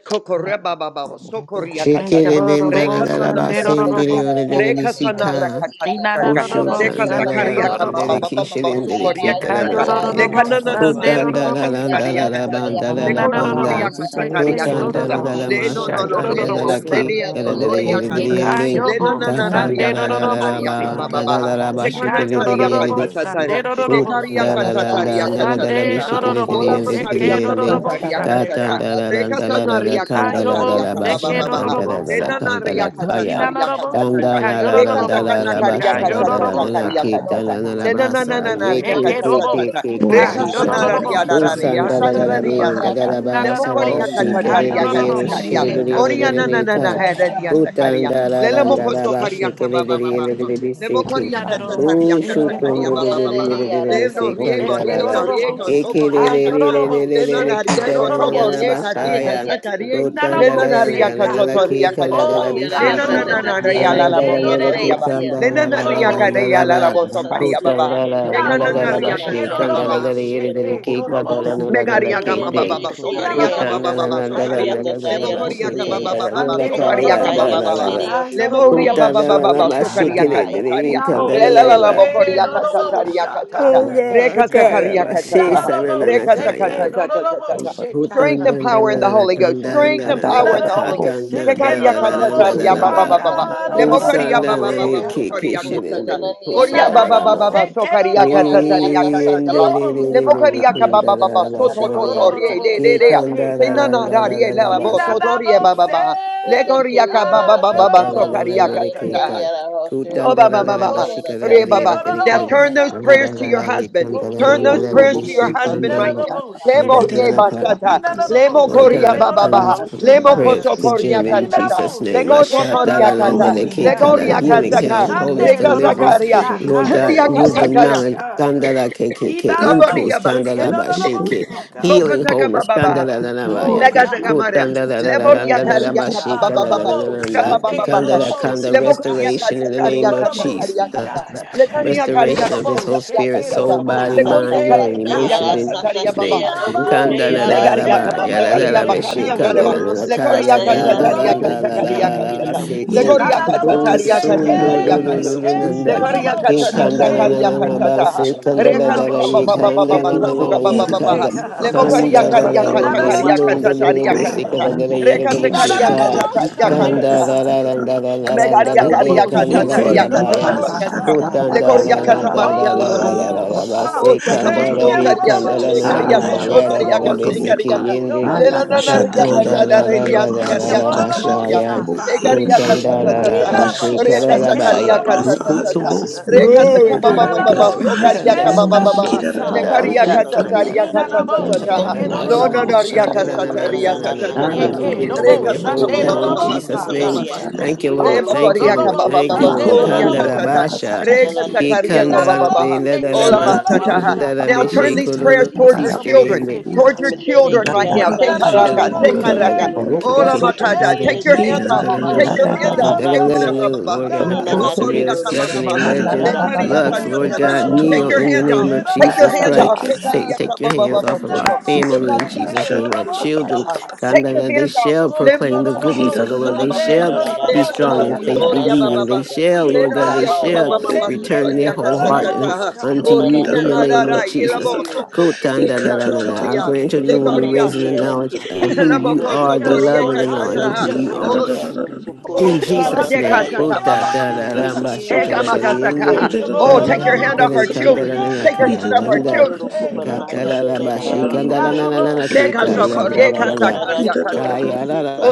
Speaker 4: pa, pa, pa,
Speaker 3: kokorebababa,
Speaker 4: ko, ko, ko,
Speaker 5: Rokoto
Speaker 4: toh
Speaker 1: Thank you,
Speaker 3: sokoriakatata,
Speaker 6: Shikiri
Speaker 4: shanda
Speaker 1: Lord. Lord,
Speaker 4: te,
Speaker 1: Lord,
Speaker 6: binda
Speaker 4: te,
Speaker 6: la
Speaker 1: Lord,
Speaker 6: la
Speaker 4: te,
Speaker 6: la
Speaker 4: te,
Speaker 1: Son,
Speaker 4: te,
Speaker 6: ba
Speaker 1: Lord,
Speaker 4: pay,
Speaker 1: Lord,
Speaker 4: pay,
Speaker 1: Lord,
Speaker 4: pay,
Speaker 6: sindiri
Speaker 3: rekasanarakatata,
Speaker 1: Lord,
Speaker 6: o
Speaker 4: ko
Speaker 6: le
Speaker 4: toh
Speaker 1: Son.
Speaker 6: le bi
Speaker 4: shanda
Speaker 6: sika.
Speaker 1: Ina,
Speaker 4: ha,
Speaker 1: na,
Speaker 3: rekasanarakatata,
Speaker 1: Lord,
Speaker 4: la,
Speaker 1: Lord,
Speaker 4: la,
Speaker 6: Kushu
Speaker 4: la,
Speaker 1: Lord,
Speaker 4: de, de,
Speaker 6: tanda
Speaker 1: Son,
Speaker 6: la
Speaker 4: de,
Speaker 1: Lord,
Speaker 6: la
Speaker 1: Lord,
Speaker 4: pay,
Speaker 6: ma
Speaker 1: Lord,
Speaker 4: pay,
Speaker 1: Lord,
Speaker 6: dere
Speaker 4: pay,
Speaker 1: Son.
Speaker 4: ko
Speaker 3: rekasakariakabababababa,
Speaker 6: kishiri
Speaker 4: toh
Speaker 6: dere
Speaker 4: shanda ra,
Speaker 6: kita
Speaker 4: ra,
Speaker 6: la
Speaker 1: Ika,
Speaker 4: ra,
Speaker 6: la
Speaker 1: yo,
Speaker 3: sokoriakatata,
Speaker 4: ra,
Speaker 6: la.
Speaker 1: Lord, Lord,
Speaker 4: pa,
Speaker 1: Lord,
Speaker 4: pa, pa,
Speaker 1: Lord,
Speaker 4: pa, pa,
Speaker 1: Son,
Speaker 4: pa, pay,
Speaker 1: Lord, Lord,
Speaker 4: pay, de,
Speaker 6: Kutanda
Speaker 1: Lord,
Speaker 6: la
Speaker 1: Lord,
Speaker 4: de,
Speaker 6: la
Speaker 4: de,
Speaker 6: la
Speaker 1: Son.
Speaker 6: la
Speaker 4: shanda
Speaker 6: la
Speaker 4: ya,
Speaker 3: lekananananariakasakariakatata,
Speaker 7: Thank
Speaker 4: ya,
Speaker 6: banda la
Speaker 4: ya, ya, ya,
Speaker 6: la
Speaker 4: ya,
Speaker 6: banda.
Speaker 1: Ikayobo Sunday
Speaker 4: ek ko
Speaker 6: Kutanda
Speaker 3: lekonokoriakatatariakatata,
Speaker 6: la
Speaker 4: toh
Speaker 6: la
Speaker 1: Dodobo
Speaker 6: la ma
Speaker 4: shanda
Speaker 1: Si.
Speaker 4: ra, ra, ra,
Speaker 3: lenonono
Speaker 4: ra,
Speaker 6: shatanda
Speaker 4: ye
Speaker 6: la
Speaker 4: pay,
Speaker 6: la
Speaker 4: pay,
Speaker 6: kita
Speaker 4: pay,
Speaker 6: la
Speaker 4: pay,
Speaker 6: dere
Speaker 4: ko
Speaker 6: yere dere
Speaker 4: toh
Speaker 3: rekarareneasotoriakatata,
Speaker 6: yending.
Speaker 4: shanda ya, ya, ya, ya,
Speaker 6: Katanda
Speaker 4: ya,
Speaker 6: la
Speaker 4: ya,
Speaker 6: la la la
Speaker 7: you.
Speaker 6: ba
Speaker 4: ha, ta,
Speaker 6: tanda
Speaker 3: lenanananariakatatariakabababaha,
Speaker 6: la
Speaker 4: ta,
Speaker 6: la
Speaker 4: ta,
Speaker 6: ba
Speaker 4: de, de,
Speaker 6: shikiri dere
Speaker 4: de,
Speaker 1: Ikayodobo
Speaker 6: yere
Speaker 4: ek ko
Speaker 3: sekanakariakatatata,
Speaker 1: Sunday
Speaker 4: toh shanda
Speaker 1: Dodobo
Speaker 4: ya,
Speaker 1: Si.
Speaker 6: Kutanda
Speaker 4: ya,
Speaker 6: la
Speaker 4: ya,
Speaker 6: la
Speaker 4: ya, ya, ya.
Speaker 6: la la ba
Speaker 1: Sunday
Speaker 3: hekariakatatariakatatata.
Speaker 4: Shanda
Speaker 6: shikele
Speaker 1: Dodobo
Speaker 6: diri
Speaker 3: Ola
Speaker 5: Siki
Speaker 3: makaria
Speaker 1: Sheke
Speaker 3: katata
Speaker 1: Dodobo
Speaker 3: ria
Speaker 1: Sunday
Speaker 3: katata.
Speaker 1: God.
Speaker 3: Reka sana ria katata
Speaker 1: Ikayobo
Speaker 3: ria kababa
Speaker 1: Seke
Speaker 3: baba.
Speaker 1: Dodobo
Speaker 3: Nena
Speaker 1: Sa.
Speaker 3: na ria katata
Speaker 1: Inanodobo Sika
Speaker 3: Reka
Speaker 1: Yodobo
Speaker 3: saka
Speaker 8: Yeah.
Speaker 3: na karia
Speaker 1: Sika
Speaker 3: katata
Speaker 1: Yodobo Sa.
Speaker 3: karia katata. Nena na na na na
Speaker 8: Not
Speaker 1: Eke
Speaker 5: healed.
Speaker 8: together
Speaker 1: Dobo
Speaker 8: with
Speaker 3: katata.
Speaker 8: Syria,
Speaker 1: Sika
Speaker 9: Oraba
Speaker 3: Reka
Speaker 8: but we
Speaker 3: sana
Speaker 9: shita
Speaker 3: na
Speaker 8: are
Speaker 5: Rokotobo
Speaker 8: the
Speaker 9: tata
Speaker 1: Yodobo
Speaker 3: ria
Speaker 8: most
Speaker 3: na na
Speaker 9: baba
Speaker 1: Sunday
Speaker 5: sikigana
Speaker 9: baka
Speaker 3: ria
Speaker 1: God.
Speaker 5: na
Speaker 8: sacrificed.
Speaker 3: sana
Speaker 5: na
Speaker 9: sata
Speaker 3: na
Speaker 5: na
Speaker 9: rara
Speaker 8: We
Speaker 5: ma.
Speaker 3: ria saka.
Speaker 9: bahaya.
Speaker 3: Lemo
Speaker 5: Bo
Speaker 1: Inanodobo
Speaker 3: koria
Speaker 9: Shara
Speaker 1: Sika
Speaker 3: katata
Speaker 9: raba
Speaker 5: hakata ba
Speaker 9: shata rara
Speaker 3: kasakaria.
Speaker 8: are
Speaker 5: sikigana na
Speaker 9: bahaya.
Speaker 1: Yodobo
Speaker 5: na
Speaker 3: Oria
Speaker 5: na na.
Speaker 3: na na na na
Speaker 5: Zakata
Speaker 3: hera
Speaker 5: ba ba
Speaker 3: ria
Speaker 5: ba.
Speaker 9: Shata rara
Speaker 3: sakaria.
Speaker 9: baka
Speaker 3: Lele
Speaker 9: sata rara
Speaker 3: moko so
Speaker 9: baka
Speaker 3: kariaka
Speaker 9: sata.
Speaker 3: ba ba ba ba
Speaker 5: Akata
Speaker 6: yende
Speaker 5: ba
Speaker 3: so.
Speaker 6: diri
Speaker 3: Le
Speaker 5: ba.
Speaker 3: moko
Speaker 6: bisi
Speaker 1: Oh God,
Speaker 3: riaka ta
Speaker 1: oh no
Speaker 5: Lime
Speaker 3: ta
Speaker 1: no
Speaker 5: it.
Speaker 6: Oh,
Speaker 3: riaka
Speaker 1: shit,
Speaker 6: shoot,
Speaker 9: Orara
Speaker 1: get
Speaker 6: do dun,
Speaker 1: on
Speaker 9: baka
Speaker 6: do
Speaker 3: ba
Speaker 1: the
Speaker 6: do
Speaker 3: ba
Speaker 6: do
Speaker 3: ba
Speaker 9: sata
Speaker 6: do
Speaker 3: ba.
Speaker 6: do do
Speaker 9: rara
Speaker 6: do do
Speaker 9: bahaya.
Speaker 3: Le no
Speaker 6: say,
Speaker 3: rie
Speaker 6: come,
Speaker 3: mo
Speaker 6: da, da,
Speaker 5: Rokotobo
Speaker 3: rie
Speaker 6: da.
Speaker 3: no rie
Speaker 5: siki
Speaker 3: ko so
Speaker 5: ikana
Speaker 6: Eke,
Speaker 5: na
Speaker 6: de,
Speaker 5: na
Speaker 6: de,
Speaker 3: kariaka
Speaker 6: de,
Speaker 5: na
Speaker 3: ta.
Speaker 6: de,
Speaker 5: ma.
Speaker 6: de, de,
Speaker 3: Le
Speaker 6: de,
Speaker 3: no
Speaker 6: de,
Speaker 3: na
Speaker 6: kita, da,
Speaker 3: riaka to
Speaker 6: na,
Speaker 3: to
Speaker 6: na,
Speaker 8: the
Speaker 6: na,
Speaker 5: Righteous.
Speaker 3: riaka ti ka
Speaker 6: bashaya.
Speaker 5: Anabara
Speaker 3: sa
Speaker 8: last
Speaker 5: siki
Speaker 3: karie.
Speaker 6: Go,
Speaker 5: ikana
Speaker 6: dun,
Speaker 3: Le
Speaker 6: da,
Speaker 3: no
Speaker 6: da,
Speaker 4: Ba
Speaker 3: na
Speaker 6: da,
Speaker 4: ba ba
Speaker 6: da, na,
Speaker 3: riaka
Speaker 4: ba
Speaker 6: na,
Speaker 3: to
Speaker 6: na,
Speaker 4: ba ba ba ba ba ba ba
Speaker 6: ki,
Speaker 5: Rokosi.
Speaker 6: ka, da,
Speaker 3: ta
Speaker 6: da, da, be
Speaker 3: Le no na
Speaker 6: shaking.
Speaker 3: na
Speaker 5: Wrong.
Speaker 3: na
Speaker 4: ba
Speaker 3: ria
Speaker 6: Dun,
Speaker 5: Halala
Speaker 3: la
Speaker 6: da,
Speaker 5: na
Speaker 3: la
Speaker 5: na
Speaker 6: da,
Speaker 3: mo
Speaker 6: da,
Speaker 3: to
Speaker 5: bo.
Speaker 6: da, da, ki,
Speaker 3: ria ba.
Speaker 6: dun,
Speaker 5: Zakata
Speaker 1: see,
Speaker 6: da,
Speaker 5: na
Speaker 3: Le na
Speaker 6: da,
Speaker 5: na
Speaker 1: no
Speaker 6: da,
Speaker 3: na
Speaker 1: no
Speaker 6: da,
Speaker 1: no
Speaker 6: da,
Speaker 3: riaka
Speaker 6: da,
Speaker 5: na.
Speaker 3: ria
Speaker 6: da,
Speaker 3: la la
Speaker 6: ba.
Speaker 3: mo so
Speaker 5: Ramba
Speaker 6: Go,
Speaker 3: karia ba
Speaker 5: siki
Speaker 6: dun,
Speaker 3: ba.
Speaker 6: da,
Speaker 5: ikana
Speaker 6: da,
Speaker 3: E
Speaker 6: na,
Speaker 3: ka
Speaker 5: na
Speaker 6: da,
Speaker 3: na
Speaker 5: na
Speaker 6: da,
Speaker 1: Nabo
Speaker 3: na
Speaker 5: na
Speaker 6: da, ba,
Speaker 5: na
Speaker 1: shake,
Speaker 3: riaka
Speaker 5: bo
Speaker 3: sa
Speaker 6: shake,
Speaker 1: no
Speaker 6: dun,
Speaker 3: ba
Speaker 5: siki.
Speaker 6: da, da,
Speaker 1: no
Speaker 6: da,
Speaker 3: ba.
Speaker 6: da, da, da, da,
Speaker 1: shake,
Speaker 6: ki,
Speaker 1: no
Speaker 6: ka, da,
Speaker 1: no
Speaker 6: da,
Speaker 1: see,
Speaker 5: Rokotobo
Speaker 6: da, da,
Speaker 5: siki.
Speaker 6: da,
Speaker 3: Megariaga
Speaker 1: no
Speaker 6: ki,
Speaker 3: mamba
Speaker 6: ting.
Speaker 3: baba
Speaker 5: Anointed.
Speaker 1: no
Speaker 6: Oh
Speaker 3: sogariaga
Speaker 5: Hakana
Speaker 1: no
Speaker 5: na
Speaker 6: God,
Speaker 3: baba
Speaker 5: na na
Speaker 1: see,
Speaker 3: baba
Speaker 6: God,
Speaker 5: ma.
Speaker 1: no
Speaker 3: sogaria
Speaker 1: no shit.
Speaker 5: Rokoto
Speaker 3: lemokoriaga baba baba baba
Speaker 1: Sunday, no no
Speaker 3: sogariaga
Speaker 1: no
Speaker 3: baba
Speaker 1: see,
Speaker 3: baba
Speaker 1: no no
Speaker 3: lemoria
Speaker 1: no
Speaker 3: baba baba
Speaker 1: Sunday,
Speaker 3: baba sogariaga tataria
Speaker 1: Nabo shake,
Speaker 3: lelala
Speaker 1: no
Speaker 3: mokoriaga
Speaker 1: no
Speaker 3: tataria tata
Speaker 1: shaka.
Speaker 8: Hallelujah.
Speaker 3: reka sakaria
Speaker 6: Shisa
Speaker 3: tata
Speaker 1: Go
Speaker 3: reka
Speaker 6: Nanakaya.
Speaker 3: sakata tata tata strength
Speaker 6: Hutan
Speaker 3: and power in the
Speaker 6: Dandana
Speaker 3: Holy Ghost strength and power
Speaker 6: Kandanana
Speaker 3: in the Holy Ghost
Speaker 6: Katanda
Speaker 3: kekaria tataria
Speaker 8: Mukishinda
Speaker 3: baba baba
Speaker 6: Dadaba.
Speaker 3: baba
Speaker 8: rasanderero
Speaker 3: Lemokaria
Speaker 8: kuru
Speaker 3: baba baba
Speaker 8: ho
Speaker 6: Usandanani
Speaker 3: sokaria
Speaker 8: kukuku
Speaker 6: Kikishin in
Speaker 8: yene
Speaker 3: katata.
Speaker 6: the
Speaker 8: nani yari
Speaker 3: Oria
Speaker 6: Pusala
Speaker 3: baba baba
Speaker 8: yakusa.
Speaker 6: Darama.
Speaker 3: baba sokaria
Speaker 8: Mana nani
Speaker 3: katata ria
Speaker 8: yata
Speaker 6: In
Speaker 8: sate
Speaker 3: katata
Speaker 6: the
Speaker 3: baba.
Speaker 8: yari yata
Speaker 6: Lili
Speaker 3: Lemokaria
Speaker 8: kumpi
Speaker 3: baba
Speaker 8: yata
Speaker 3: baba
Speaker 8: sate
Speaker 6: Kundalaba
Speaker 3: soto
Speaker 1: to
Speaker 8: kata
Speaker 1: no no
Speaker 8: ya
Speaker 6: Shaya.
Speaker 3: toto
Speaker 1: no no
Speaker 3: rie
Speaker 8: mene
Speaker 1: no
Speaker 3: de de
Speaker 8: ya
Speaker 3: de.
Speaker 6: Kikan dan
Speaker 1: Shande
Speaker 6: dan
Speaker 8: uski
Speaker 1: God,
Speaker 6: dan
Speaker 3: Senana
Speaker 8: yomu
Speaker 6: dan
Speaker 3: darie
Speaker 6: dan
Speaker 3: la
Speaker 6: dan
Speaker 3: bo
Speaker 1: Kina
Speaker 3: soto
Speaker 1: na bo
Speaker 3: rie baba
Speaker 1: se
Speaker 3: baba. Lekoria baba
Speaker 8: yara
Speaker 1: God
Speaker 3: baba
Speaker 1: no
Speaker 8: rasata
Speaker 1: no
Speaker 3: baba
Speaker 1: no
Speaker 8: kandi
Speaker 1: no
Speaker 3: sokaria
Speaker 8: yere re
Speaker 1: Shande
Speaker 8: keri
Speaker 3: katata.
Speaker 8: yara
Speaker 1: God.
Speaker 8: hosu yo
Speaker 3: Oh, ba,
Speaker 1: Na
Speaker 3: ba, ba,
Speaker 1: no
Speaker 8: kukuku
Speaker 3: ba.
Speaker 8: yara
Speaker 1: bo se
Speaker 3: Re,
Speaker 8: rasandi
Speaker 3: ba,
Speaker 1: ke
Speaker 3: ba.
Speaker 1: no no
Speaker 8: yeviri
Speaker 1: no
Speaker 3: Now
Speaker 1: bo
Speaker 8: yata
Speaker 3: turn those
Speaker 1: sha
Speaker 3: prayers
Speaker 8: kukunsi
Speaker 3: to
Speaker 1: God.
Speaker 3: your
Speaker 8: ya.
Speaker 3: husband.
Speaker 1: Go
Speaker 8: Ikiri
Speaker 3: Turn
Speaker 1: to no
Speaker 8: yoru
Speaker 3: those prayers
Speaker 8: rusi
Speaker 3: to your
Speaker 8: yara
Speaker 5: bosiki
Speaker 8: kandi
Speaker 3: husband
Speaker 1: no
Speaker 5: na
Speaker 3: right
Speaker 8: yoru
Speaker 1: no
Speaker 3: now.
Speaker 5: na
Speaker 1: bo
Speaker 5: na
Speaker 8: rusa.
Speaker 3: Lemo
Speaker 9: Ida
Speaker 3: re
Speaker 9: raba
Speaker 8: Yeviri
Speaker 5: na
Speaker 9: baba
Speaker 8: yata
Speaker 3: basata.
Speaker 9: baka
Speaker 8: kiri
Speaker 9: sata
Speaker 3: Lemo
Speaker 5: Rokotobo
Speaker 6: Lord
Speaker 9: rara
Speaker 8: kukuku
Speaker 1: Nanabo-se,
Speaker 6: God,
Speaker 3: koria
Speaker 6: I
Speaker 9: baba.
Speaker 3: baba
Speaker 6: turn
Speaker 3: baha.
Speaker 4: ba
Speaker 6: these
Speaker 9: Sata
Speaker 3: Lemo
Speaker 4: ba
Speaker 9: rara
Speaker 1: kedododobosakada.
Speaker 6: prayers
Speaker 9: baka
Speaker 3: koso
Speaker 4: ba
Speaker 6: to Jim
Speaker 3: koria
Speaker 9: sata
Speaker 6: in
Speaker 9: rara
Speaker 8: Thank
Speaker 3: katata.
Speaker 6: Jesus'
Speaker 9: bahaya.
Speaker 6: name.
Speaker 1: Inabo-se,
Speaker 6: I
Speaker 3: Leko
Speaker 8: you.
Speaker 3: so
Speaker 6: shout that
Speaker 3: koria
Speaker 6: and I
Speaker 4: Ba
Speaker 3: kata.
Speaker 9: Orara
Speaker 6: dedicate
Speaker 9: raba
Speaker 3: Leko
Speaker 6: kind
Speaker 1: kedododobosika.
Speaker 6: of
Speaker 9: baba
Speaker 4: ba
Speaker 3: ria
Speaker 9: baka
Speaker 6: healing,
Speaker 3: kasaka.
Speaker 6: health,
Speaker 9: sata rara
Speaker 6: wholeness,
Speaker 3: Reka
Speaker 9: rara rara.
Speaker 6: deliverance.
Speaker 3: sakaria.
Speaker 9: Kira
Speaker 1: Shandedodobosaka,
Speaker 6: Lord
Speaker 9: rara
Speaker 6: God,
Speaker 4: ba
Speaker 3: Ria
Speaker 9: baka sata.
Speaker 6: wisdom,
Speaker 3: kasakara.
Speaker 6: knowledge,
Speaker 1: yobo-sekada.
Speaker 6: kandala ke ke ke
Speaker 3: Lamo
Speaker 6: increase,
Speaker 3: ria Ba,
Speaker 1: Hidadabo-she,
Speaker 6: kandala ba she ke
Speaker 3: Boko
Speaker 1: kedododobosika.
Speaker 6: healing,
Speaker 3: saka
Speaker 6: wholeness,
Speaker 3: baba baha.
Speaker 6: kandala la la ba
Speaker 1: Oh
Speaker 6: ya.
Speaker 9: Orara raba
Speaker 6: Ku
Speaker 1: God.
Speaker 9: baka
Speaker 3: Dagazagamara,
Speaker 6: tandala
Speaker 9: sata
Speaker 6: la
Speaker 9: rara
Speaker 6: la la
Speaker 3: Lemoria
Speaker 6: la
Speaker 9: baka
Speaker 6: la la
Speaker 1: Oh
Speaker 9: sata
Speaker 6: ba
Speaker 3: Cariaca
Speaker 9: rara
Speaker 6: she
Speaker 9: rara.
Speaker 3: Baba
Speaker 1: God.
Speaker 6: kandala la
Speaker 3: Baba,
Speaker 6: la
Speaker 1: Odobo,
Speaker 6: la
Speaker 3: Toca
Speaker 6: la.
Speaker 3: Baba
Speaker 1: shande,
Speaker 3: Baba
Speaker 9: Raya
Speaker 6: Kandala
Speaker 3: Cata,
Speaker 9: shita
Speaker 1: odobo,
Speaker 6: kanda
Speaker 9: sata.
Speaker 1: seka.
Speaker 3: Lemocaria
Speaker 1: We
Speaker 6: restoration
Speaker 9: Jesus.
Speaker 6: in
Speaker 3: Cata,
Speaker 1: thank
Speaker 6: the
Speaker 1: you. Lord.
Speaker 6: name
Speaker 3: Taria
Speaker 6: of
Speaker 3: Cata,
Speaker 9: Ida
Speaker 1: Odobo,
Speaker 6: Jesus
Speaker 3: Taria
Speaker 9: raba
Speaker 3: Cata,
Speaker 1: seka.
Speaker 9: baka
Speaker 3: Lecaria
Speaker 9: sata.
Speaker 6: restoration
Speaker 3: Cariaca
Speaker 6: of his
Speaker 1: Unabo,
Speaker 6: whole
Speaker 3: Taria
Speaker 1: shake
Speaker 6: spirit,
Speaker 1: it,
Speaker 6: soul,
Speaker 3: Cata,
Speaker 1: unabo,
Speaker 6: body,
Speaker 3: Lecoria
Speaker 6: mind, will,
Speaker 3: Cata,
Speaker 6: and
Speaker 1: Sunday,
Speaker 3: Taria
Speaker 1: God.
Speaker 6: emotions in
Speaker 3: Cata, Taria
Speaker 6: his name.
Speaker 3: Baba.
Speaker 1: Inabo,
Speaker 6: Kanda da da da
Speaker 1: shake
Speaker 6: da
Speaker 8: Nakashkatatateyarasakateyarokuneyarasa.
Speaker 1: it,
Speaker 6: ba, ya da da
Speaker 1: unabo,
Speaker 6: da be
Speaker 1: shake,
Speaker 6: shi,
Speaker 1: God.
Speaker 6: kanda
Speaker 3: Begariakabatsagariabakariagareba.
Speaker 6: da da
Speaker 9: Orara
Speaker 6: da ka,
Speaker 9: baka
Speaker 6: ya
Speaker 1: Sunday,
Speaker 9: sata
Speaker 6: da
Speaker 9: rara
Speaker 6: da da
Speaker 1: unabo,
Speaker 6: da da
Speaker 1: see,
Speaker 6: da
Speaker 9: rara.
Speaker 5: Siki
Speaker 1: God.
Speaker 6: da da,
Speaker 3: Lekoriakatatariakatakariakatata.
Speaker 6: si ku,
Speaker 5: Yanaba
Speaker 9: Supernatural
Speaker 8: Bekikiriyororosakateyarakirirehiririyakumurirasa.
Speaker 1: Inanabo,
Speaker 6: ku
Speaker 1: shake
Speaker 6: sun du
Speaker 8: Yerera
Speaker 6: du
Speaker 5: Rokotobo,
Speaker 4: ba
Speaker 6: du
Speaker 1: it,
Speaker 8: yero
Speaker 6: du
Speaker 3: Lekoriakatatariakatatariakatata.
Speaker 6: du nan
Speaker 8: koshi
Speaker 4: Da da
Speaker 8: koshi
Speaker 1: unabo,
Speaker 4: da
Speaker 6: Ki
Speaker 8: yero
Speaker 4: da da
Speaker 6: kanda
Speaker 8: koshi
Speaker 6: da
Speaker 4: go
Speaker 1: Sunday,
Speaker 6: da
Speaker 4: do
Speaker 6: da
Speaker 4: do
Speaker 8: yero
Speaker 6: da
Speaker 1: God.
Speaker 4: shi
Speaker 6: ba,
Speaker 4: di
Speaker 3: Lekoriakatatatatakariakatataha.
Speaker 8: koshi
Speaker 6: si
Speaker 4: di
Speaker 8: yero
Speaker 4: di
Speaker 6: kanda
Speaker 4: di
Speaker 6: da
Speaker 8: koshi
Speaker 4: di
Speaker 6: da da
Speaker 4: di.
Speaker 1: Inabo,
Speaker 6: ye,
Speaker 1: shake
Speaker 6: kanda
Speaker 1: it,
Speaker 6: da
Speaker 8: yebere
Speaker 6: da
Speaker 4: Mm.
Speaker 1: unabo,
Speaker 6: da ya,
Speaker 4: Ha
Speaker 8: yakashi
Speaker 4: la
Speaker 1: Sunday,
Speaker 3: Rekasekabababababababababaha.
Speaker 6: kanda.
Speaker 4: la
Speaker 8: yero
Speaker 4: Ha
Speaker 1: God.
Speaker 4: ya ya.
Speaker 8: koshi
Speaker 6: Kanda
Speaker 4: Ha
Speaker 6: da
Speaker 4: ya
Speaker 6: da da
Speaker 4: ya ya.
Speaker 6: da,
Speaker 4: pa
Speaker 8: oba
Speaker 4: pa pa.
Speaker 1: Inanabo,
Speaker 6: dun du du
Speaker 8: kashi
Speaker 1: see,
Speaker 6: du bu,
Speaker 8: kata
Speaker 4: Di
Speaker 6: si
Speaker 4: di.
Speaker 3: Lemokoriakariakatakariakatatariakatata.
Speaker 6: kanda
Speaker 1: God.
Speaker 8: daya
Speaker 6: da da ye da da da ki
Speaker 4: Ha
Speaker 1: Inanabo,
Speaker 6: ka.
Speaker 4: da da da da
Speaker 1: Sunday,
Speaker 6: Kanda
Speaker 3: Rekasekariakatatariakatata.
Speaker 4: da ga
Speaker 6: da da
Speaker 4: do
Speaker 1: God.
Speaker 4: do
Speaker 6: da da
Speaker 4: shi
Speaker 6: da
Speaker 4: di
Speaker 6: da
Speaker 4: di Ye
Speaker 6: da
Speaker 3: Megaria
Speaker 6: da,
Speaker 4: di
Speaker 6: de
Speaker 3: garia
Speaker 1: Inanabo,
Speaker 4: di.
Speaker 3: kata
Speaker 6: kanda
Speaker 1: shake
Speaker 6: da
Speaker 8: oba
Speaker 6: da
Speaker 1: it,
Speaker 6: da
Speaker 3: taria
Speaker 5: see,
Speaker 6: ba
Speaker 3: kata
Speaker 4: Ni
Speaker 8: kashi
Speaker 6: ya.
Speaker 4: di
Speaker 1: unabo,
Speaker 8: kata
Speaker 4: di
Speaker 3: tabakasta.
Speaker 1: Sunday
Speaker 4: di
Speaker 8: daya
Speaker 1: God.
Speaker 6: Kutanda
Speaker 8: kashi
Speaker 3: Lekoria
Speaker 6: la la
Speaker 3: kata
Speaker 8: kata
Speaker 6: da
Speaker 3: maria
Speaker 6: la
Speaker 8: yero
Speaker 4: ya
Speaker 3: la
Speaker 6: la
Speaker 3: la
Speaker 4: ya
Speaker 6: la
Speaker 8: koshi
Speaker 4: ya
Speaker 6: la
Speaker 4: ya
Speaker 6: da
Speaker 8: kata
Speaker 1: Oh,
Speaker 3: bosoto.
Speaker 6: da
Speaker 8: daya
Speaker 1: Father,
Speaker 6: basi
Speaker 1: we
Speaker 3: Oria kabo
Speaker 6: kanda
Speaker 1: thank
Speaker 4: Ha
Speaker 6: la
Speaker 3: so
Speaker 1: you.
Speaker 8: beke
Speaker 6: li
Speaker 1: Lord,
Speaker 4: da
Speaker 1: Lord,
Speaker 3: karia
Speaker 4: go
Speaker 8: kin
Speaker 6: kanda
Speaker 4: do
Speaker 6: la
Speaker 1: Lord,
Speaker 4: do
Speaker 3: kase
Speaker 6: la
Speaker 8: yero
Speaker 4: shi
Speaker 6: la
Speaker 3: karia
Speaker 4: di
Speaker 3: to
Speaker 8: koshi
Speaker 6: ma
Speaker 1: Sunday,
Speaker 4: di
Speaker 3: so
Speaker 1: Lord,
Speaker 6: ya
Speaker 4: di
Speaker 8: kata
Speaker 1: Lord,
Speaker 6: la
Speaker 9: Father,
Speaker 6: la
Speaker 3: karia
Speaker 4: di
Speaker 1: Lord,
Speaker 6: la
Speaker 4: di
Speaker 9: work of
Speaker 3: kase
Speaker 8: daya
Speaker 4: di
Speaker 1: see,
Speaker 4: di
Speaker 3: karia
Speaker 8: kin
Speaker 9: miracle,
Speaker 6: besiki
Speaker 1: God,
Speaker 4: di
Speaker 3: ka.
Speaker 9: Lord.
Speaker 4: di
Speaker 1: your
Speaker 8: yero
Speaker 4: di
Speaker 6: indi
Speaker 4: di
Speaker 3: Lena
Speaker 1: most
Speaker 8: koshi
Speaker 3: na
Speaker 1: say,
Speaker 3: na
Speaker 8: yaki
Speaker 3: ria
Speaker 1: God.
Speaker 9: Shandala
Speaker 6: katanda
Speaker 3: kata da
Speaker 6: la
Speaker 8: yeki
Speaker 6: la
Speaker 8: yero
Speaker 6: la
Speaker 3: ria sa
Speaker 6: la
Speaker 8: koshi
Speaker 1: Thank
Speaker 4: ya
Speaker 6: la
Speaker 1: you,
Speaker 3: karia
Speaker 6: la
Speaker 1: Lord,
Speaker 8: kata
Speaker 4: ya
Speaker 1: Lord,
Speaker 3: kata
Speaker 1: Lord,
Speaker 4: ya
Speaker 1: Lord,
Speaker 6: basha
Speaker 8: daya
Speaker 3: taria.
Speaker 6: ya
Speaker 4: ya.
Speaker 1: shout,
Speaker 8: kira
Speaker 3: Se
Speaker 1: God.
Speaker 3: karia
Speaker 8: and
Speaker 4: Kika
Speaker 8: then
Speaker 3: kata
Speaker 6: kutanda
Speaker 8: there
Speaker 6: la
Speaker 8: who
Speaker 4: Boro
Speaker 3: tata
Speaker 1: He
Speaker 6: la
Speaker 3: tata.
Speaker 1: not
Speaker 8: shaka
Speaker 9: Bless you
Speaker 6: bashi
Speaker 8: sata
Speaker 3: Ria
Speaker 1: most
Speaker 9: this
Speaker 4: Shandaraya
Speaker 6: kala
Speaker 1: say,
Speaker 6: la
Speaker 3: kasa
Speaker 9: morning,
Speaker 1: God,
Speaker 8: yero
Speaker 1: Lord,
Speaker 6: ba
Speaker 3: karia
Speaker 9: Father.
Speaker 1: Lord,
Speaker 8: koshi
Speaker 1: Lord,
Speaker 9: Bless
Speaker 3: kata
Speaker 9: our
Speaker 1: see,
Speaker 3: tata
Speaker 8: yero
Speaker 4: Akabara
Speaker 9: husbands
Speaker 3: tata.
Speaker 1: God.
Speaker 9: this morning,
Speaker 8: yero
Speaker 9: Lord.
Speaker 3: Rekasaka
Speaker 6: Glory,
Speaker 4: Shandaraya
Speaker 1: Na,
Speaker 3: baba
Speaker 1: na,
Speaker 3: baba
Speaker 6: glory,
Speaker 4: Baby
Speaker 1: na,
Speaker 3: baba
Speaker 9: Bless
Speaker 4: Baby
Speaker 6: glory.
Speaker 9: my
Speaker 1: most shake,
Speaker 4: Baby
Speaker 8: Thank
Speaker 9: husband
Speaker 3: sokariaka
Speaker 1: God,
Speaker 6: Candela
Speaker 9: this
Speaker 5: Anda
Speaker 3: baba
Speaker 1: Lord,
Speaker 9: morning.
Speaker 1: Lord,
Speaker 5: da da
Speaker 3: baba
Speaker 5: da
Speaker 3: ha.
Speaker 6: mashe
Speaker 1: Lord,
Speaker 9: Kida da da da
Speaker 1: shout,
Speaker 9: da
Speaker 6: sanda
Speaker 1: God.
Speaker 9: da,
Speaker 6: sha
Speaker 5: Andakatabasoko
Speaker 3: Lekariaka
Speaker 9: shut
Speaker 5: tobo
Speaker 6: sanda
Speaker 1: He
Speaker 6: da
Speaker 3: tatariaka
Speaker 1: na,
Speaker 6: da
Speaker 1: na,
Speaker 6: da
Speaker 5: siki
Speaker 1: most
Speaker 6: pita
Speaker 3: tatatata
Speaker 6: da
Speaker 1: shake,
Speaker 3: ha.
Speaker 9: Long
Speaker 6: da
Speaker 1: Lord,
Speaker 6: da da
Speaker 4: Lada
Speaker 9: life,
Speaker 1: Lord,
Speaker 6: da
Speaker 1: Lord,
Speaker 6: da
Speaker 3: Lona
Speaker 1: Lord,
Speaker 6: ma-
Speaker 9: Father.
Speaker 5: kanadabasoko.
Speaker 4: Yada
Speaker 9: Shut
Speaker 1: see,
Speaker 9: up,
Speaker 8: you.
Speaker 3: dariaka
Speaker 9: da
Speaker 6: candela
Speaker 9: da
Speaker 6: da
Speaker 4: Bobo
Speaker 9: ba
Speaker 6: da
Speaker 9: ka sa
Speaker 3: sataria
Speaker 6: da
Speaker 4: Kodoro
Speaker 6: da
Speaker 9: ta.
Speaker 6: da da Mary
Speaker 4: Shinde
Speaker 3: satatata ha.
Speaker 4: Ye Ye
Speaker 1: Keke
Speaker 6: weavers
Speaker 4: Ye
Speaker 6: every
Speaker 4: Ye
Speaker 1: dobo
Speaker 6: way
Speaker 5: Ayatabasoko
Speaker 4: Ye
Speaker 3: Rekasaka
Speaker 6: whole
Speaker 9: Shut up,
Speaker 4: Baby
Speaker 1: shande
Speaker 9: da da
Speaker 3: baba
Speaker 1: do
Speaker 6: now
Speaker 4: Baby
Speaker 6: in
Speaker 3: baba
Speaker 5: okotobo
Speaker 9: ba
Speaker 1: dobo
Speaker 4: Baby
Speaker 9: ba ba
Speaker 6: Jesus'
Speaker 3: soka
Speaker 5: siki
Speaker 4: Baby
Speaker 9: ka
Speaker 6: name.
Speaker 3: baba
Speaker 9: sa
Speaker 4: Baby
Speaker 3: baba
Speaker 9: ta,
Speaker 1: sakara.
Speaker 9: da
Speaker 3: so.
Speaker 9: da
Speaker 6: Thank
Speaker 9: da
Speaker 6: you,
Speaker 4: Kodoro
Speaker 9: ba ka
Speaker 6: Lord.
Speaker 3: Lema
Speaker 9: sa ta.
Speaker 1: Roto
Speaker 6: Thank you,
Speaker 1: do
Speaker 4: Shandaraya
Speaker 6: Lord.
Speaker 1: dobo
Speaker 3: baba
Speaker 6: Thank
Speaker 3: baba
Speaker 6: you,
Speaker 1: shande
Speaker 9: Iko
Speaker 6: Lord.
Speaker 1: do
Speaker 9: da da
Speaker 5: ikanadabasoko
Speaker 9: ba
Speaker 3: soriaka
Speaker 6: Candela
Speaker 1: dobo
Speaker 9: ba ba
Speaker 3: tata.
Speaker 9: ka sa
Speaker 6: basha.
Speaker 9: ta, da
Speaker 1: sikara.
Speaker 9: da ba ba
Speaker 5: nadabasoko.
Speaker 9: ba ka
Speaker 3: Rekasakariaka
Speaker 1: Kina
Speaker 9: sa
Speaker 3: baba
Speaker 6: Ikandala
Speaker 9: ta.
Speaker 3: baba
Speaker 1: dobo
Speaker 6: da da da
Speaker 1: seke
Speaker 3: Ola
Speaker 9: Shut
Speaker 6: ma
Speaker 9: up, da da
Speaker 3: masata
Speaker 1: dobo
Speaker 9: da
Speaker 5: Rokotobo
Speaker 6: da da
Speaker 9: ba
Speaker 3: Now
Speaker 9: ba ba ka
Speaker 1: shakara.
Speaker 6: bishe
Speaker 3: turn
Speaker 9: sa
Speaker 5: siki da
Speaker 3: these
Speaker 9: ta, da da
Speaker 3: prayers
Speaker 6: kololo
Speaker 9: ba
Speaker 3: towards
Speaker 9: ka
Speaker 1: Kina
Speaker 3: your
Speaker 9: sa ta.
Speaker 1: dobo
Speaker 3: children.
Speaker 4: Ete Te
Speaker 3: Towards
Speaker 1: sekara.
Speaker 3: your
Speaker 4: Te Te Te
Speaker 3: children right
Speaker 4: Te
Speaker 6: Kandelele,
Speaker 3: now.
Speaker 4: Te
Speaker 9: Ura
Speaker 3: take
Speaker 9: ba
Speaker 4: Te
Speaker 1: Nana
Speaker 9: shi
Speaker 4: Te
Speaker 9: ta,
Speaker 3: Tekaraka,
Speaker 9: da
Speaker 4: Te
Speaker 9: da
Speaker 6: kandelele,
Speaker 1: dobo
Speaker 9: da
Speaker 5: kanadabasaka.
Speaker 4: Te
Speaker 9: da
Speaker 1: she.
Speaker 4: Te
Speaker 9: da da
Speaker 4: Te
Speaker 3: tekaraka.
Speaker 9: da
Speaker 6: kandelele,
Speaker 9: ba ka
Speaker 1: Yeah,
Speaker 4: Kodoro
Speaker 3: Ola
Speaker 9: sa
Speaker 6: kiki,
Speaker 9: ta.
Speaker 5: Rokotobo
Speaker 3: makata.
Speaker 1: yeah,
Speaker 4: Shandaya
Speaker 6: kandelele,
Speaker 4: Lada
Speaker 3: Take
Speaker 5: siki
Speaker 3: your
Speaker 4: Lada
Speaker 1: yeah.
Speaker 3: hand
Speaker 9: Ina
Speaker 1: do
Speaker 3: off.
Speaker 9: na da
Speaker 4: Papa
Speaker 9: da
Speaker 1: Dobo
Speaker 3: Take
Speaker 6: kandelele,
Speaker 9: da
Speaker 3: your
Speaker 9: da da
Speaker 3: hand
Speaker 9: da
Speaker 1: sa do
Speaker 3: off.
Speaker 5: ikanadabasoko.
Speaker 9: ba ka sa
Speaker 1: dobo
Speaker 9: ta,
Speaker 6: kandelele.
Speaker 9: da
Speaker 4: Kodoro
Speaker 3: Tekarababaha.
Speaker 6: Lord
Speaker 9: da da
Speaker 6: God, I
Speaker 9: ba
Speaker 6: pray
Speaker 9: ka
Speaker 6: for
Speaker 1: sikara.
Speaker 9: sa ta.
Speaker 5: Rokotobo
Speaker 6: Serena,
Speaker 3: Lemokoria
Speaker 5: siki
Speaker 4: Shandaya
Speaker 6: Stephanie,
Speaker 3: kababaha.
Speaker 9: Take
Speaker 1: Oh
Speaker 6: Legend,
Speaker 1: God, we
Speaker 5: ikanadabasoko
Speaker 6: Lux,
Speaker 1: thank you.
Speaker 6: Lord
Speaker 1: No,
Speaker 3: Letariyakatatata.
Speaker 6: God,
Speaker 1: no, no,
Speaker 5: tobo
Speaker 3: Take
Speaker 6: kneel
Speaker 1: no,
Speaker 3: your
Speaker 6: in the
Speaker 3: hand
Speaker 1: shot.
Speaker 5: siki
Speaker 6: name
Speaker 3: off.
Speaker 1: No,
Speaker 6: of
Speaker 1: no, no,
Speaker 3: Take
Speaker 1: no,
Speaker 3: your
Speaker 6: Jesus
Speaker 1: no,
Speaker 3: hand off.
Speaker 5: ikanadabasoko.
Speaker 1: say
Speaker 9: your
Speaker 6: Christ. Satan,
Speaker 9: hands
Speaker 1: God.
Speaker 6: take
Speaker 9: off
Speaker 6: your
Speaker 9: John
Speaker 6: hands off
Speaker 1: No,
Speaker 9: and
Speaker 6: of our
Speaker 1: no,
Speaker 3: Letariyakababababasoko.
Speaker 5: Robotobo
Speaker 1: no,
Speaker 9: Genesis
Speaker 5: siki na
Speaker 6: family
Speaker 9: right
Speaker 6: in
Speaker 1: say
Speaker 9: now.
Speaker 5: na na
Speaker 6: Jesus'
Speaker 1: God.
Speaker 5: na
Speaker 1: No,
Speaker 6: name,
Speaker 1: no,
Speaker 6: our
Speaker 8: Thank
Speaker 5: basa
Speaker 1: no,
Speaker 8: you,
Speaker 6: children.
Speaker 1: shot.
Speaker 5: kata
Speaker 3: Letariyakatatariyakababa.
Speaker 8: Jesus.
Speaker 5: basa
Speaker 8: Thank
Speaker 3: Take
Speaker 5: ke
Speaker 3: your
Speaker 8: you,
Speaker 6: Kandelele, they
Speaker 3: hand off.
Speaker 8: Jesus.
Speaker 6: shall
Speaker 8: Thank
Speaker 1: Oh,
Speaker 8: you,
Speaker 1: no,
Speaker 6: proclaim
Speaker 8: Jesus.
Speaker 6: the
Speaker 1: no,
Speaker 5: kata
Speaker 1: no,
Speaker 9: He
Speaker 6: goodness
Speaker 1: no,
Speaker 5: basa.
Speaker 6: of the
Speaker 9: lives
Speaker 6: Lord. They
Speaker 1: Sunday.
Speaker 3: Lemabasokariyakabababa.
Speaker 6: shall
Speaker 1: No, no, no,
Speaker 6: be
Speaker 8: Manarara
Speaker 1: no,
Speaker 6: strong in
Speaker 5: Ayata
Speaker 1: see
Speaker 8: satatea,
Speaker 6: faith,
Speaker 5: da basa
Speaker 8: rarara
Speaker 1: God.
Speaker 6: believing. They
Speaker 3: Lenalalabasoriyabababaha.
Speaker 6: shall,
Speaker 8: satatea,
Speaker 1: He
Speaker 6: Lord God,
Speaker 5: anda
Speaker 1: no,
Speaker 6: they
Speaker 5: da
Speaker 8: rakoni,
Speaker 5: da da
Speaker 1: no,
Speaker 6: shall
Speaker 8: ananana
Speaker 5: basa
Speaker 1: say
Speaker 9: and
Speaker 5: ke
Speaker 8: tia,
Speaker 9: died
Speaker 6: return their
Speaker 1: God.
Speaker 9: to
Speaker 1: No, no,
Speaker 8: rakota
Speaker 6: whole
Speaker 9: clear
Speaker 5: robotobo
Speaker 1: no,
Speaker 9: the
Speaker 6: heart
Speaker 8: tea.
Speaker 5: siki.
Speaker 1: no,
Speaker 6: and
Speaker 9: works
Speaker 5: They
Speaker 9: of
Speaker 3: Lenariyakababababasokariyakatatataha.
Speaker 9: the
Speaker 5: shall
Speaker 1: shot.
Speaker 5: be
Speaker 6: unto
Speaker 9: Lord.
Speaker 6: you
Speaker 1: God.
Speaker 5: mighty
Speaker 6: in the
Speaker 8: Mananania
Speaker 5: in the
Speaker 6: name of
Speaker 3: Orikanadara
Speaker 5: earth.
Speaker 6: Jesus.
Speaker 8: rakiki,
Speaker 5: Ayata da da da
Speaker 3: ilabosokori
Speaker 8: okosi,
Speaker 1: No,
Speaker 5: basa.
Speaker 1: no,
Speaker 6: Kutandalarana.
Speaker 1: no,
Speaker 6: Our
Speaker 8: rarasita.
Speaker 5: Bless
Speaker 3: lediasokoriya.
Speaker 1: no,
Speaker 5: the
Speaker 1: see
Speaker 6: grandchildren
Speaker 5: living
Speaker 6: will
Speaker 1: God.
Speaker 5: and
Speaker 6: be
Speaker 1: No,
Speaker 5: bless
Speaker 1: no,
Speaker 3: Legoriya.
Speaker 6: raised in the
Speaker 5: the
Speaker 1: no,
Speaker 8: Mananania
Speaker 1: no.
Speaker 5: dead.
Speaker 6: knowledge of
Speaker 5: Hakata
Speaker 8: rakiki,
Speaker 6: who
Speaker 5: baba.
Speaker 6: you
Speaker 4: Baba
Speaker 9: He
Speaker 1: Thank
Speaker 6: are, the
Speaker 1: you,
Speaker 9: bless
Speaker 8: rokokoshi,
Speaker 9: my
Speaker 3: Labokosokoriya
Speaker 6: love and
Speaker 1: Lord.
Speaker 5: You
Speaker 6: the knowledge of
Speaker 9: baby's
Speaker 6: who
Speaker 3: katataha.
Speaker 1: Hallelujah,
Speaker 8: rarasati,
Speaker 6: you
Speaker 9: God.
Speaker 6: are.
Speaker 3: Oh,
Speaker 1: God.
Speaker 5: make
Speaker 8: emilia,
Speaker 5: your
Speaker 8: no
Speaker 5: face to
Speaker 1: Oh
Speaker 6: In
Speaker 1: God,
Speaker 5: shine.
Speaker 1: I
Speaker 6: Jesus' name.
Speaker 8: kokoshi,
Speaker 1: thank you.
Speaker 3: dekasakababaha.
Speaker 9: Bless
Speaker 6: Kutatararamba
Speaker 9: this
Speaker 8: Nikiki
Speaker 9: victory
Speaker 1: Oh
Speaker 9: church
Speaker 1: God,
Speaker 9: of
Speaker 1: I
Speaker 9: God.
Speaker 5: You
Speaker 8: Urusiki
Speaker 6: shikalarayende.
Speaker 1: thank
Speaker 3: Ekamakasakaha.
Speaker 8: and
Speaker 5: pull
Speaker 1: you,
Speaker 5: the
Speaker 1: Lord.
Speaker 3: Oh,
Speaker 1: No,
Speaker 5: way.
Speaker 1: no,
Speaker 3: take
Speaker 1: no,
Speaker 3: your
Speaker 8: then
Speaker 1: no,
Speaker 3: hand
Speaker 5: Kiki
Speaker 3: off
Speaker 6: Kandanadana
Speaker 3: our
Speaker 1: see
Speaker 5: is
Speaker 8: Yahushia
Speaker 1: God.
Speaker 3: children.
Speaker 5: da da
Speaker 1: yeah,
Speaker 6: kandaranana
Speaker 5: da
Speaker 3: Take your
Speaker 1: yeah,
Speaker 8: Tataki.
Speaker 5: da
Speaker 1: no,
Speaker 3: hand
Speaker 1: no,
Speaker 3: off our
Speaker 5: basa.
Speaker 1: no,
Speaker 6: karayanda.
Speaker 1: no,
Speaker 3: children.
Speaker 8: Toroko
Speaker 1: say, God.
Speaker 8: Baranda de la
Speaker 6: Katararaba
Speaker 5: Da
Speaker 8: de
Speaker 5: da
Speaker 1: He
Speaker 5: basa.
Speaker 1: not no,
Speaker 5: Da
Speaker 8: Arococondia,
Speaker 1: no,
Speaker 6: shikandaranana
Speaker 5: da
Speaker 1: say,
Speaker 5: da
Speaker 8: Giti,
Speaker 6: kita
Speaker 5: basa
Speaker 9: Loose
Speaker 1: no, no,
Speaker 9: and
Speaker 3: Mekasokori,
Speaker 5: ke
Speaker 1: no,
Speaker 9: let them
Speaker 8: Rocondia,
Speaker 1: no,
Speaker 9: go.
Speaker 6: yandararara.
Speaker 5: ikanda na
Speaker 1: Sunday,
Speaker 8: Rarati,
Speaker 5: na na
Speaker 1: God.
Speaker 3: ekasakariakatatata.
Speaker 5: basa.
Speaker 8: Rorosita.
Speaker 6: Kayararaba